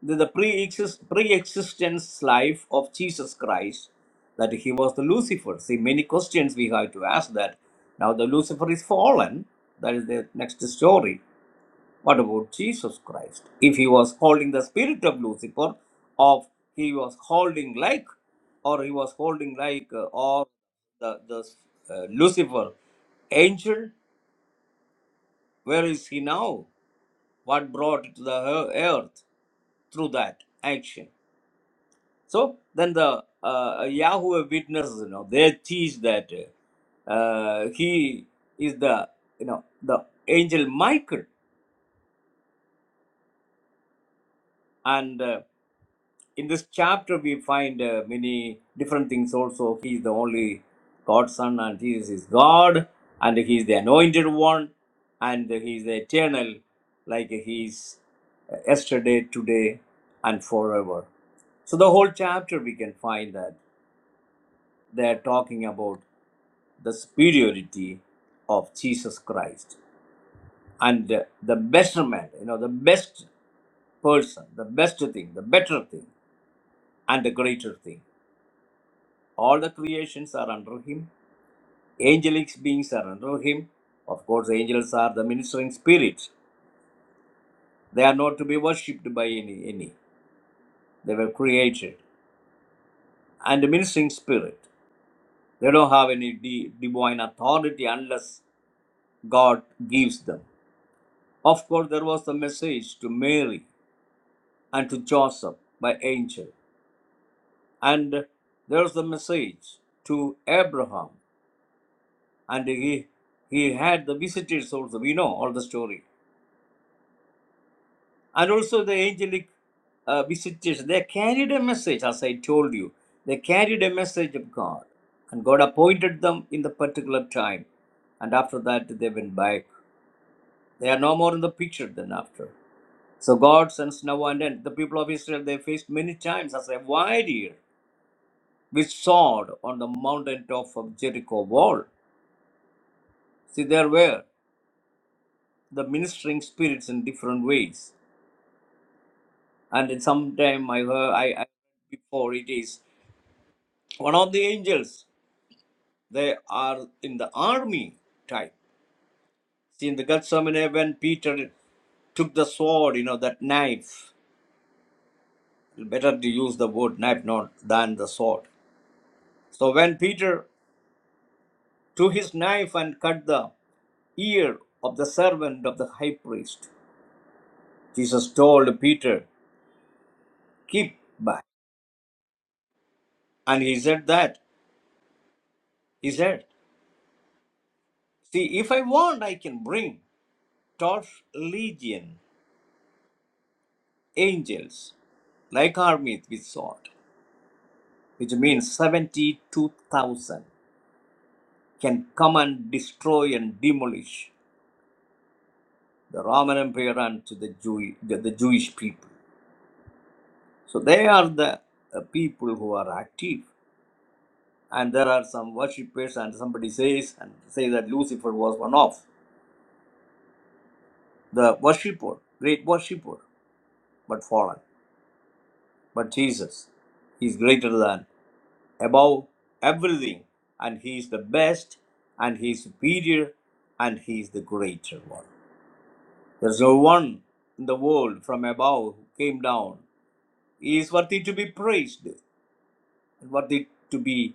B: the, the pre-exist, pre-existence life of jesus christ that he was the lucifer see many questions we have to ask that now the lucifer is fallen that is the next story what about jesus christ if he was holding the spirit of lucifer of he was holding like or he was holding like uh, or the, the uh, lucifer angel where is he now what brought it to the earth through that action So then the uh, Yahweh witnesses, you know, they teach that uh, he is the, you know, the angel Michael. And uh, in this chapter, we find uh, many different things also. He is the only God's son and he is his God and he is the anointed one and he is the eternal, like he is uh, yesterday, today, and forever. So the whole chapter we can find that they are talking about the superiority of Jesus Christ and the measurement, you know, the best person, the best thing, the better thing, and the greater thing. All the creations are under him, angelic beings are under him. Of course, angels are the ministering spirits. They are not to be worshipped by any, any. They were created. And the ministering spirit, they don't have any di- divine authority unless God gives them. Of course, there was the message to Mary and to Joseph by angel. And there's the message to Abraham, and he he had the visitors also. We know all the story, and also the angelic uh, visitors. They carried a message, as I told you. They carried a message of God, and God appointed them in the particular time. And after that, they went back. They are no more in the picture than after. So God sends Noah, and then the people of Israel they faced many times as a wide year which soared on the mountaintop of Jericho wall. See, there were the ministering spirits in different ways. And sometime I heard, I, I before it is one of the angels. They are in the army type. See, in the Gethsemane, when Peter took the sword, you know, that knife, better to use the word knife not than the sword. So when Peter took his knife and cut the ear of the servant of the high priest, Jesus told Peter, keep back. And he said that, he said, See, if I want, I can bring 12 legion angels, like armies with sword, which means 72,000, can come and destroy and demolish the Roman Empire and to the, Jew- the, the Jewish people. So they are the uh, people who are active. And there are some worshippers, and somebody says and say that Lucifer was one of the worshipper, great worshipper, but fallen. But Jesus is greater than, above everything, and He is the best, and He is superior, and He is the greater one. There's no one in the world from above who came down. He is worthy to be praised, and worthy to be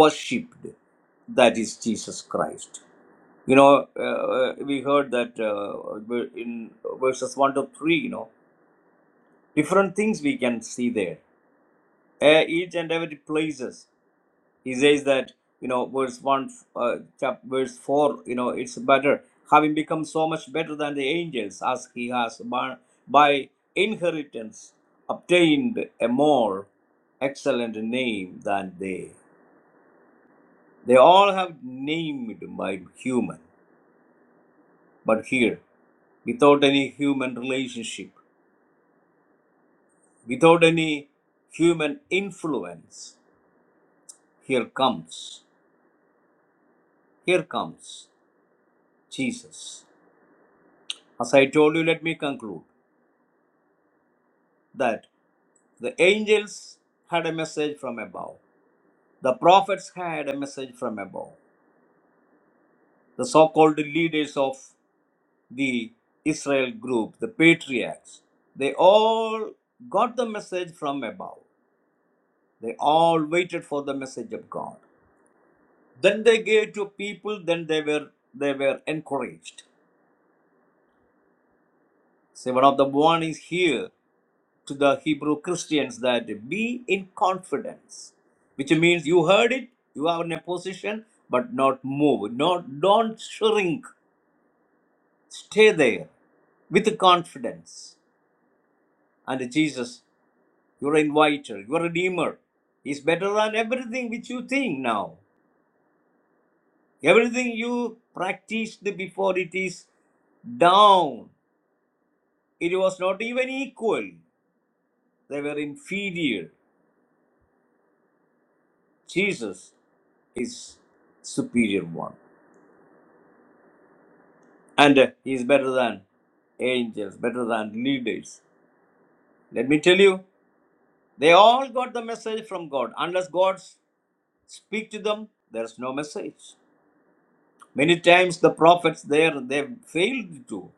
B: worshipped. That is Jesus Christ. You know, uh, uh, we heard that uh, in verses 1 to 3, you know, different things we can see there. Uh, each and every places. he says that you know verse 1 uh, chap, verse 4 you know it's better having become so much better than the angels as he has by, by inheritance obtained a more excellent name than they they all have named by human but here without any human relationship without any human influence here comes here comes jesus as i told you let me conclude that the angels had a message from above, the prophets had a message from above, the so called leaders of the Israel group, the patriarchs, they all got the message from above. They all waited for the message of God. Then they gave to people, then they were they were encouraged. See, one of the warnings here to the Hebrew Christians that be in confidence, which means you heard it, you are in a position, but not move. Not, don't shrink. Stay there with confidence. And Jesus, your inviter, your redeemer, is better than everything which you think now. Everything you practiced before it is down. It was not even equal. They were inferior. Jesus is superior one. and uh, he is better than angels, better than leaders. Let me tell you, they all got the message from God. Unless God speaks to them, there's no message. Many times the prophets there they failed to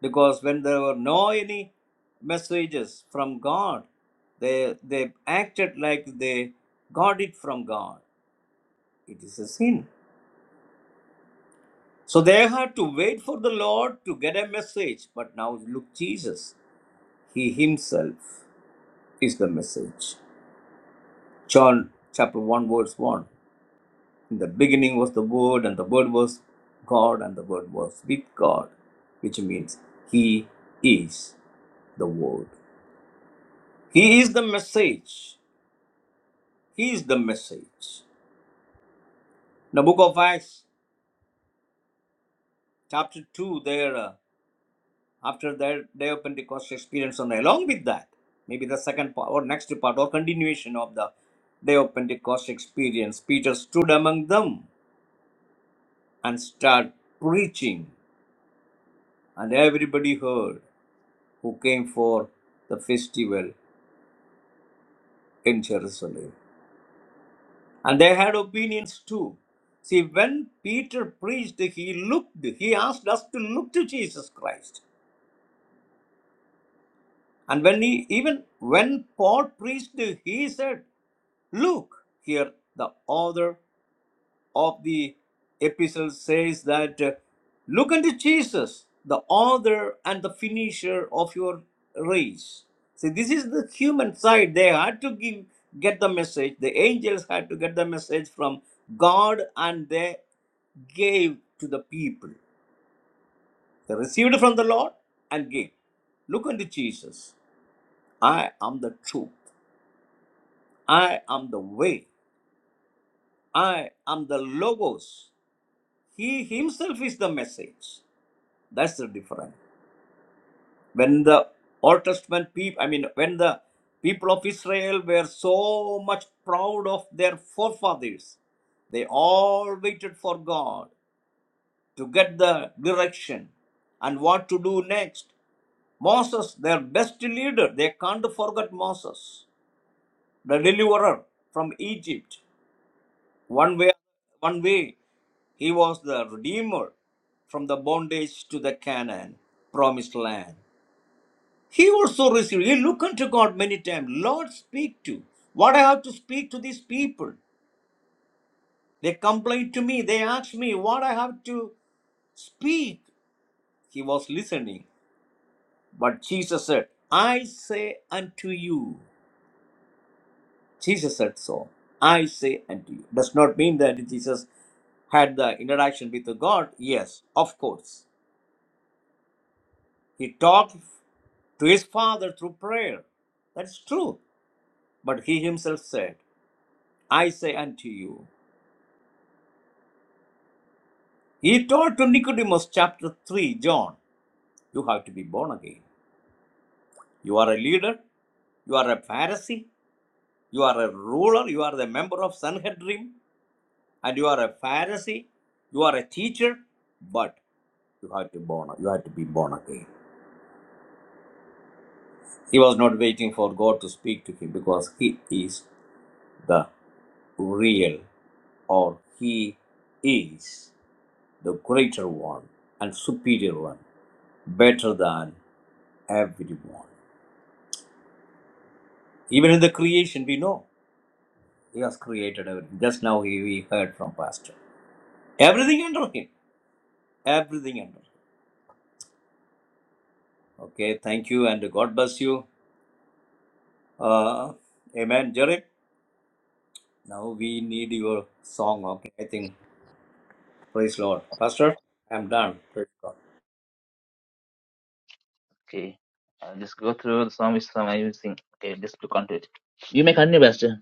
B: because when there were no any messages from God, they they acted like they got it from God. It is a sin. So they had to wait for the Lord to get a message. But now look Jesus, He Himself. is the message. John chapter 1, verse 1. In the beginning was the Word, and the Word was God, and the Word was with God, which means He is the Word. He is the message. He is the message. In the book of Acts, chapter 2, there, uh, after their day of Pentecost experience, and along with that, maybe the second part or next part or continuation of the day of Pentecost experience, Peter stood among them and start preaching. And everybody heard who came for the festival in Jerusalem. And they had opinions too. See, when Peter preached, he looked, he asked us to look to Jesus Christ. And when he, even when Paul preached, he said, Look, here the author of the epistle says that uh, look unto Jesus, the author and the finisher of your race. See, this is the human side. They had to give, get the message. The angels had to get the message from God and they gave to the people. They received from the Lord and gave. Look unto Jesus. I am the truth. I am the way. I am the Logos. He himself is the message. That's the difference. When the Old Testament people, I mean, when the people of Israel were so much proud of their forefathers, they all waited for God to get the direction and what to do next. Moses, their best leader, they can't forget Moses, the deliverer from Egypt. One way, one way, he was the redeemer from the bondage to the Canaan, promised land. He also received, he looked unto God many times. Lord, speak to. What I have to speak to these people. They complain to me. They ask me what I have to speak. He was listening. But Jesus said, I say unto you. Jesus said so. I say unto you. Does not mean that Jesus had the interaction with the God. Yes, of course. He talked to his Father through prayer. That's true. But he himself said, I say unto you. He told to Nicodemus, chapter 3, John, you have to be born again. You are a leader, you are a Pharisee, you are a ruler, you are the member of Sanhedrin, and you are a Pharisee, you are a teacher, but you have to born you have to be born again. He was not waiting for God to speak to him because he is the real or he is the greater one and superior one, better than everyone. Even in the creation we know. He has created everything. Just now he, we heard from Pastor. Everything under him. Everything under him. Okay, thank you and God bless you. Uh, amen, Jerry. Now we need your song. Okay, I think. Praise Lord. Pastor, I'm done. Praise God.
A: Okay, I'll just go through the song which song I will sing. Okay, just look onto it. You may continue, Pastor.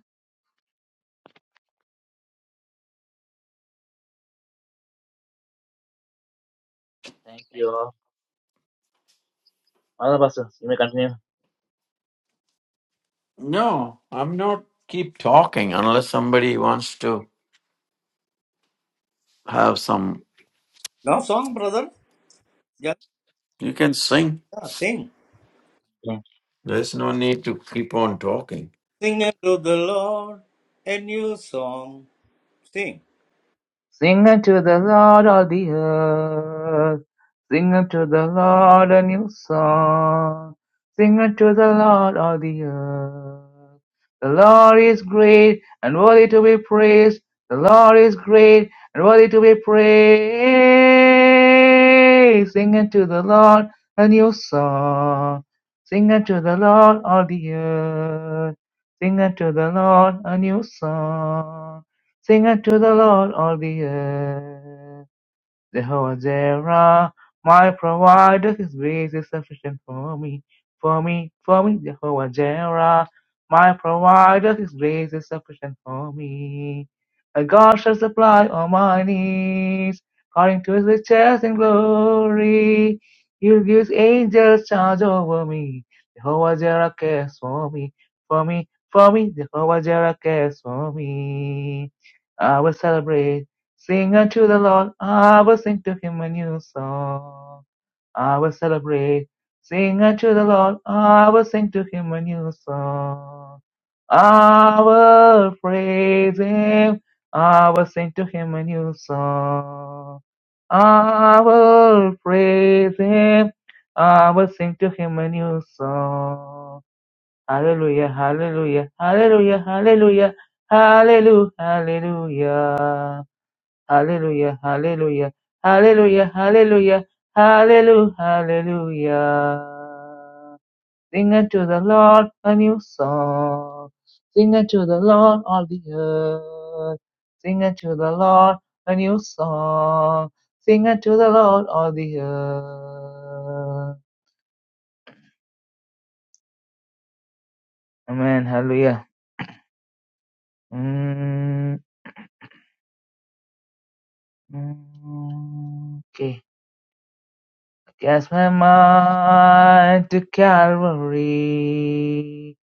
A: Thank you all. Other Pastor, you may continue.
C: No, I'm not keep talking unless somebody wants to have some.
B: No song, brother. Just
C: You can sing.
B: yeah, sing.
C: There's no need to keep on talking.
B: Sing unto the Lord a new song. Sing.
A: Sing unto the Lord all the earth. Sing unto the Lord a new song. Sing unto the Lord all the earth. The Lord is great and worthy to be praised. The Lord is great and worthy to be praised. Sing unto the Lord a new song. Sing unto the Lord all the earth. Sing unto the Lord a new song. Sing unto the Lord all the earth. Jehovah Jireh, my provider, His grace is sufficient for me, for me, for me. Jehovah Jireh, my provider, His grace is sufficient for me. And God shall supply all my needs, according to His riches and glory. He'll give His angels charge over me. Jehovah Jireh cares for me, for me, for me. Jehovah Jireh cares for me. I will celebrate. Sing unto the Lord, I will sing to him a new song. I will celebrate. Sing unto the Lord, I will sing to him a new song. I will praise him, I will sing to him a new song. I will praise him, I will sing to him a new song. Hallelujah, hallelujah, hallelujah, hallelujah, hallelujah, hallelujah. Hallelujah, hallelujah, hallelujah, hallelujah, hallelujah, hallelujah. Sing unto the Lord a new song. Sing unto the Lord all the earth. Sing unto the Lord a new song. Sing unto the Lord all the earth. Amen, hallelujah. Mm, mm, okay. Cast my mind to Calvary.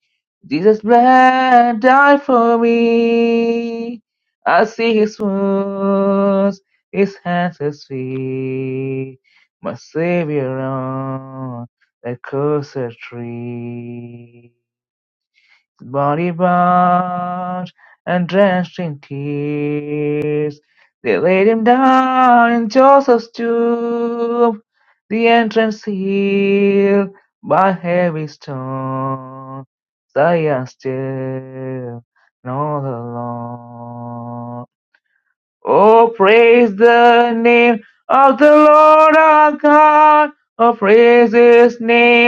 A: Jesus bled, died for me. I see his wounds, his hands his feet. My Savior on that cursed tree body bowed and drenched in tears. They laid him down in Joseph's tomb, the entrance sealed by heavy stone. Zion still, and all alone. Oh, praise the name of the Lord our God. Oh, praise His name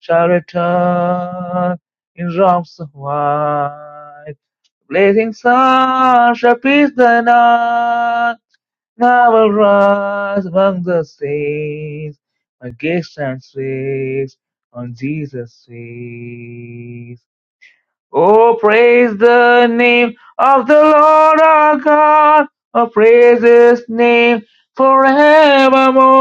A: shall return in robes of white. Blazing sun shall pierce the night. I will rise among the saints. My gaze turns fixed on Jesus' face. Oh, praise the name of the Lord our God. Oh, praise His name forevermore.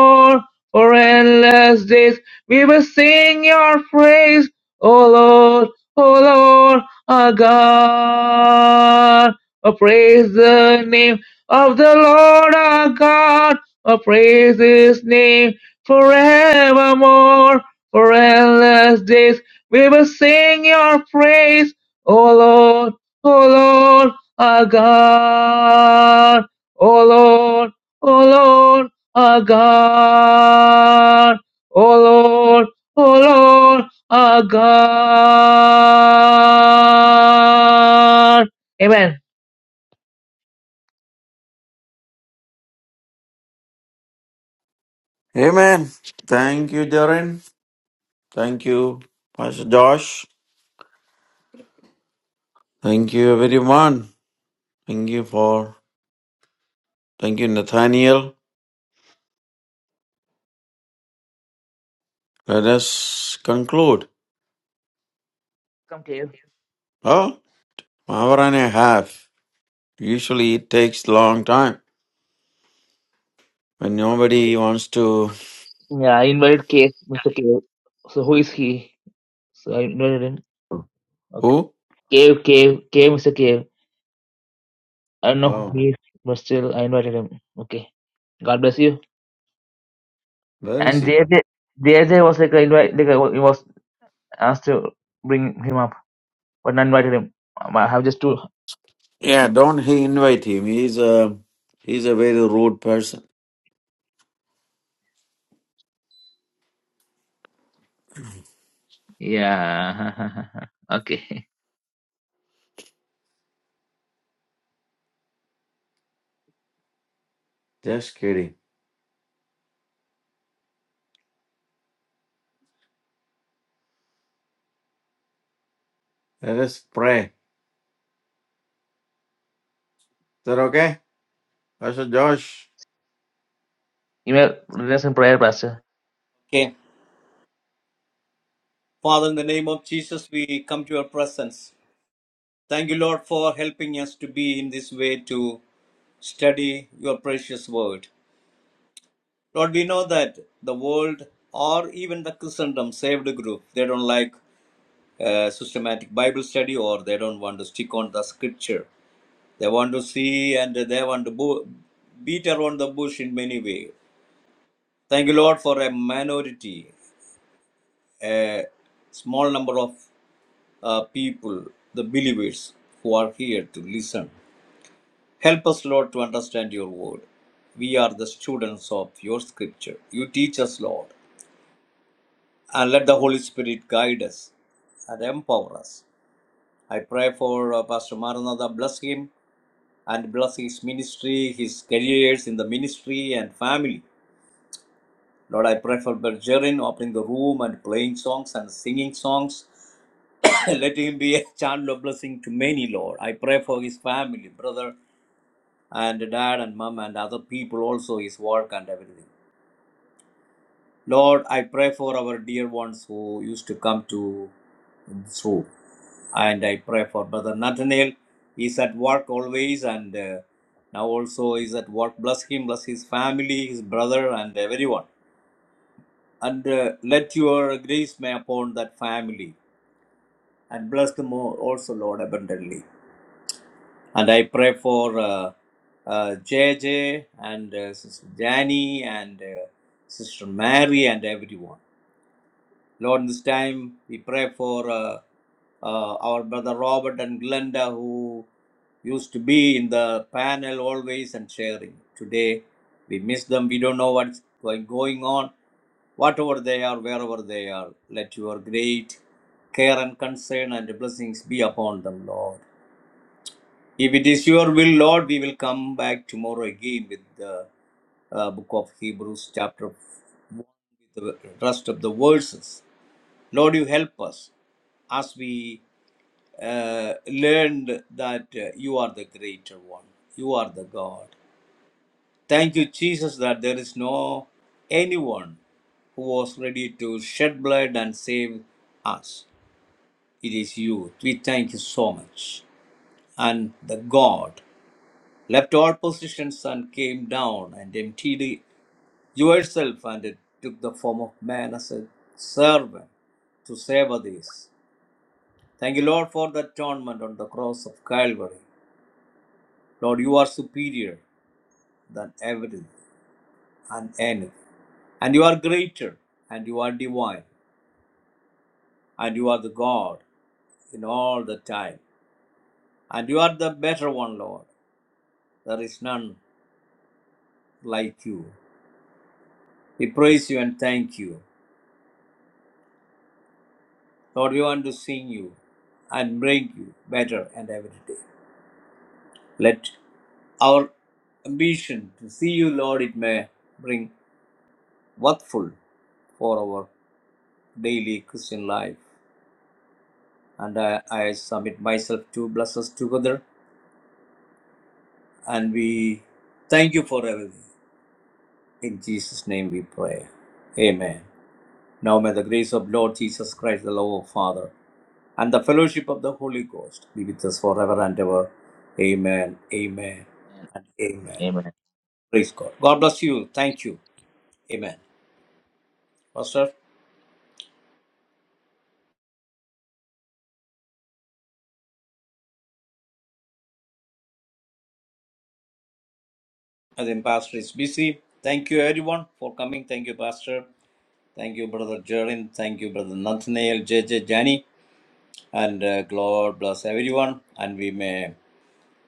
A: Lord, O Lord, our God. O Lord, O Lord, our God. Amen.
C: Amen. Thank you, Darren. Thank you, Pastor Josh. Thank you, everyone. Thank you for. Thank you, Nathaniel. Let us conclude.
A: Come to you.
C: Well, hour and a half. Usually it takes long time when nobody wants to.
A: Yeah, I invited K, Mr. K. So who is he? So I invited him. Okay.
C: Who?
A: Cave, Cave, Cave, Mr. Cave. I don't know who
C: Oh,
A: he is, but still I invited him. Okay. God bless you.
C: where is
A: And
C: he?
A: JJ, JJ was like, I invite, like I wa- he was asked to bring him up. But not invited him. Um, I have just two.
C: Yeah, don't he invite him. He's a he's a very rude person.
A: Yeah. okay.
C: Just kidding. Let us pray. Is that okay, Pastor Josh?
A: You may lead us in prayer, Pastor.
B: Okay. Father, in the name of Jesus, we come to your presence. Thank you, Lord, for helping us to be in this way to study your precious word. Lord, we know that the world or even the Christendom saved group, they don't like uh, systematic Bible study or they don't want to stick on the scripture. They want to see and they want to bo- beat around the bush in many ways. Thank you, Lord, for a minority, a small number of uh, people, the believers who are here to listen. Help us, Lord, to understand your word. We are the students of your scripture. You teach us, Lord, and let the Holy Spirit guide us and empower us. I pray for uh, Pastor Maranatha, bless him and bless his ministry, his careers in the ministry and family. Lord, I pray for Bergerin opening the room and playing songs and singing songs. Let him be a channel of blessing to many, Lord. I pray for his family, brother and dad and mom and other people also, his work and everything. Lord, I pray for our dear ones who used to come to this room. And I pray for Brother Nathaniel. He's at work always and uh, now also is at work. Bless him, bless his family, his brother, and everyone. And uh, let your grace may upon that family and bless them all- also, Lord, abundantly. And I pray for uh, uh, JJ and uh, Sister Jani and uh, Sister Mary and everyone. Lord, this time we pray for uh, uh, our brother Robert and Glenda, who used to be in the panel always and sharing. Today, we miss them. We don't know what's going, going on. Whatever they are, wherever they are, let your great care and concern and blessings be upon them, Lord. If it is your will, Lord, we will come back tomorrow again with the uh, book of Hebrews, chapter 1, with the rest of the verses. Lord, you help us as we uh, learned that uh, you are the greater one. You are the God. Thank you, Jesus, that there is no anyone who was ready to shed blood and save us. It is you. We thank you so much. And the God left all positions and came down and emptied yourself and it took the form of man as a servant to save others. Thank you, Lord, for the atonement on the cross of Calvary. Lord, you are superior than everything and anything. And you are greater and you are divine. And you are the God in all the time. And you are the better one, Lord. There is none like you. We praise you and thank you. Lord, we want to sing you and bring you better and every day. Let our ambition to see you, Lord, it may bring worthful for our daily Christian life. And I, I submit myself to bless us together. And we thank you for everything. In Jesus' name we pray. Amen. Now may the grace of Lord Jesus Christ, the love of Father, and the fellowship of the Holy Ghost be with us forever and ever. Amen. Amen. And amen.
A: Amen.
B: Praise God. God bless you. Thank you. Amen. Pastor, I think Pastor is busy. Thank you everyone for coming. Thank you, Pastor. Thank you, Brother Jerin. Thank you, Brother Nathaniel, J J Jani. And uh, God bless everyone. And we may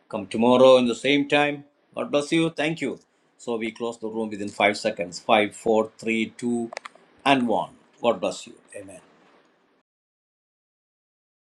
B: come tomorrow in the same time. God bless you. Thank you. So we close the room within five seconds. Five, four, three, two, and one. God bless you. Amen.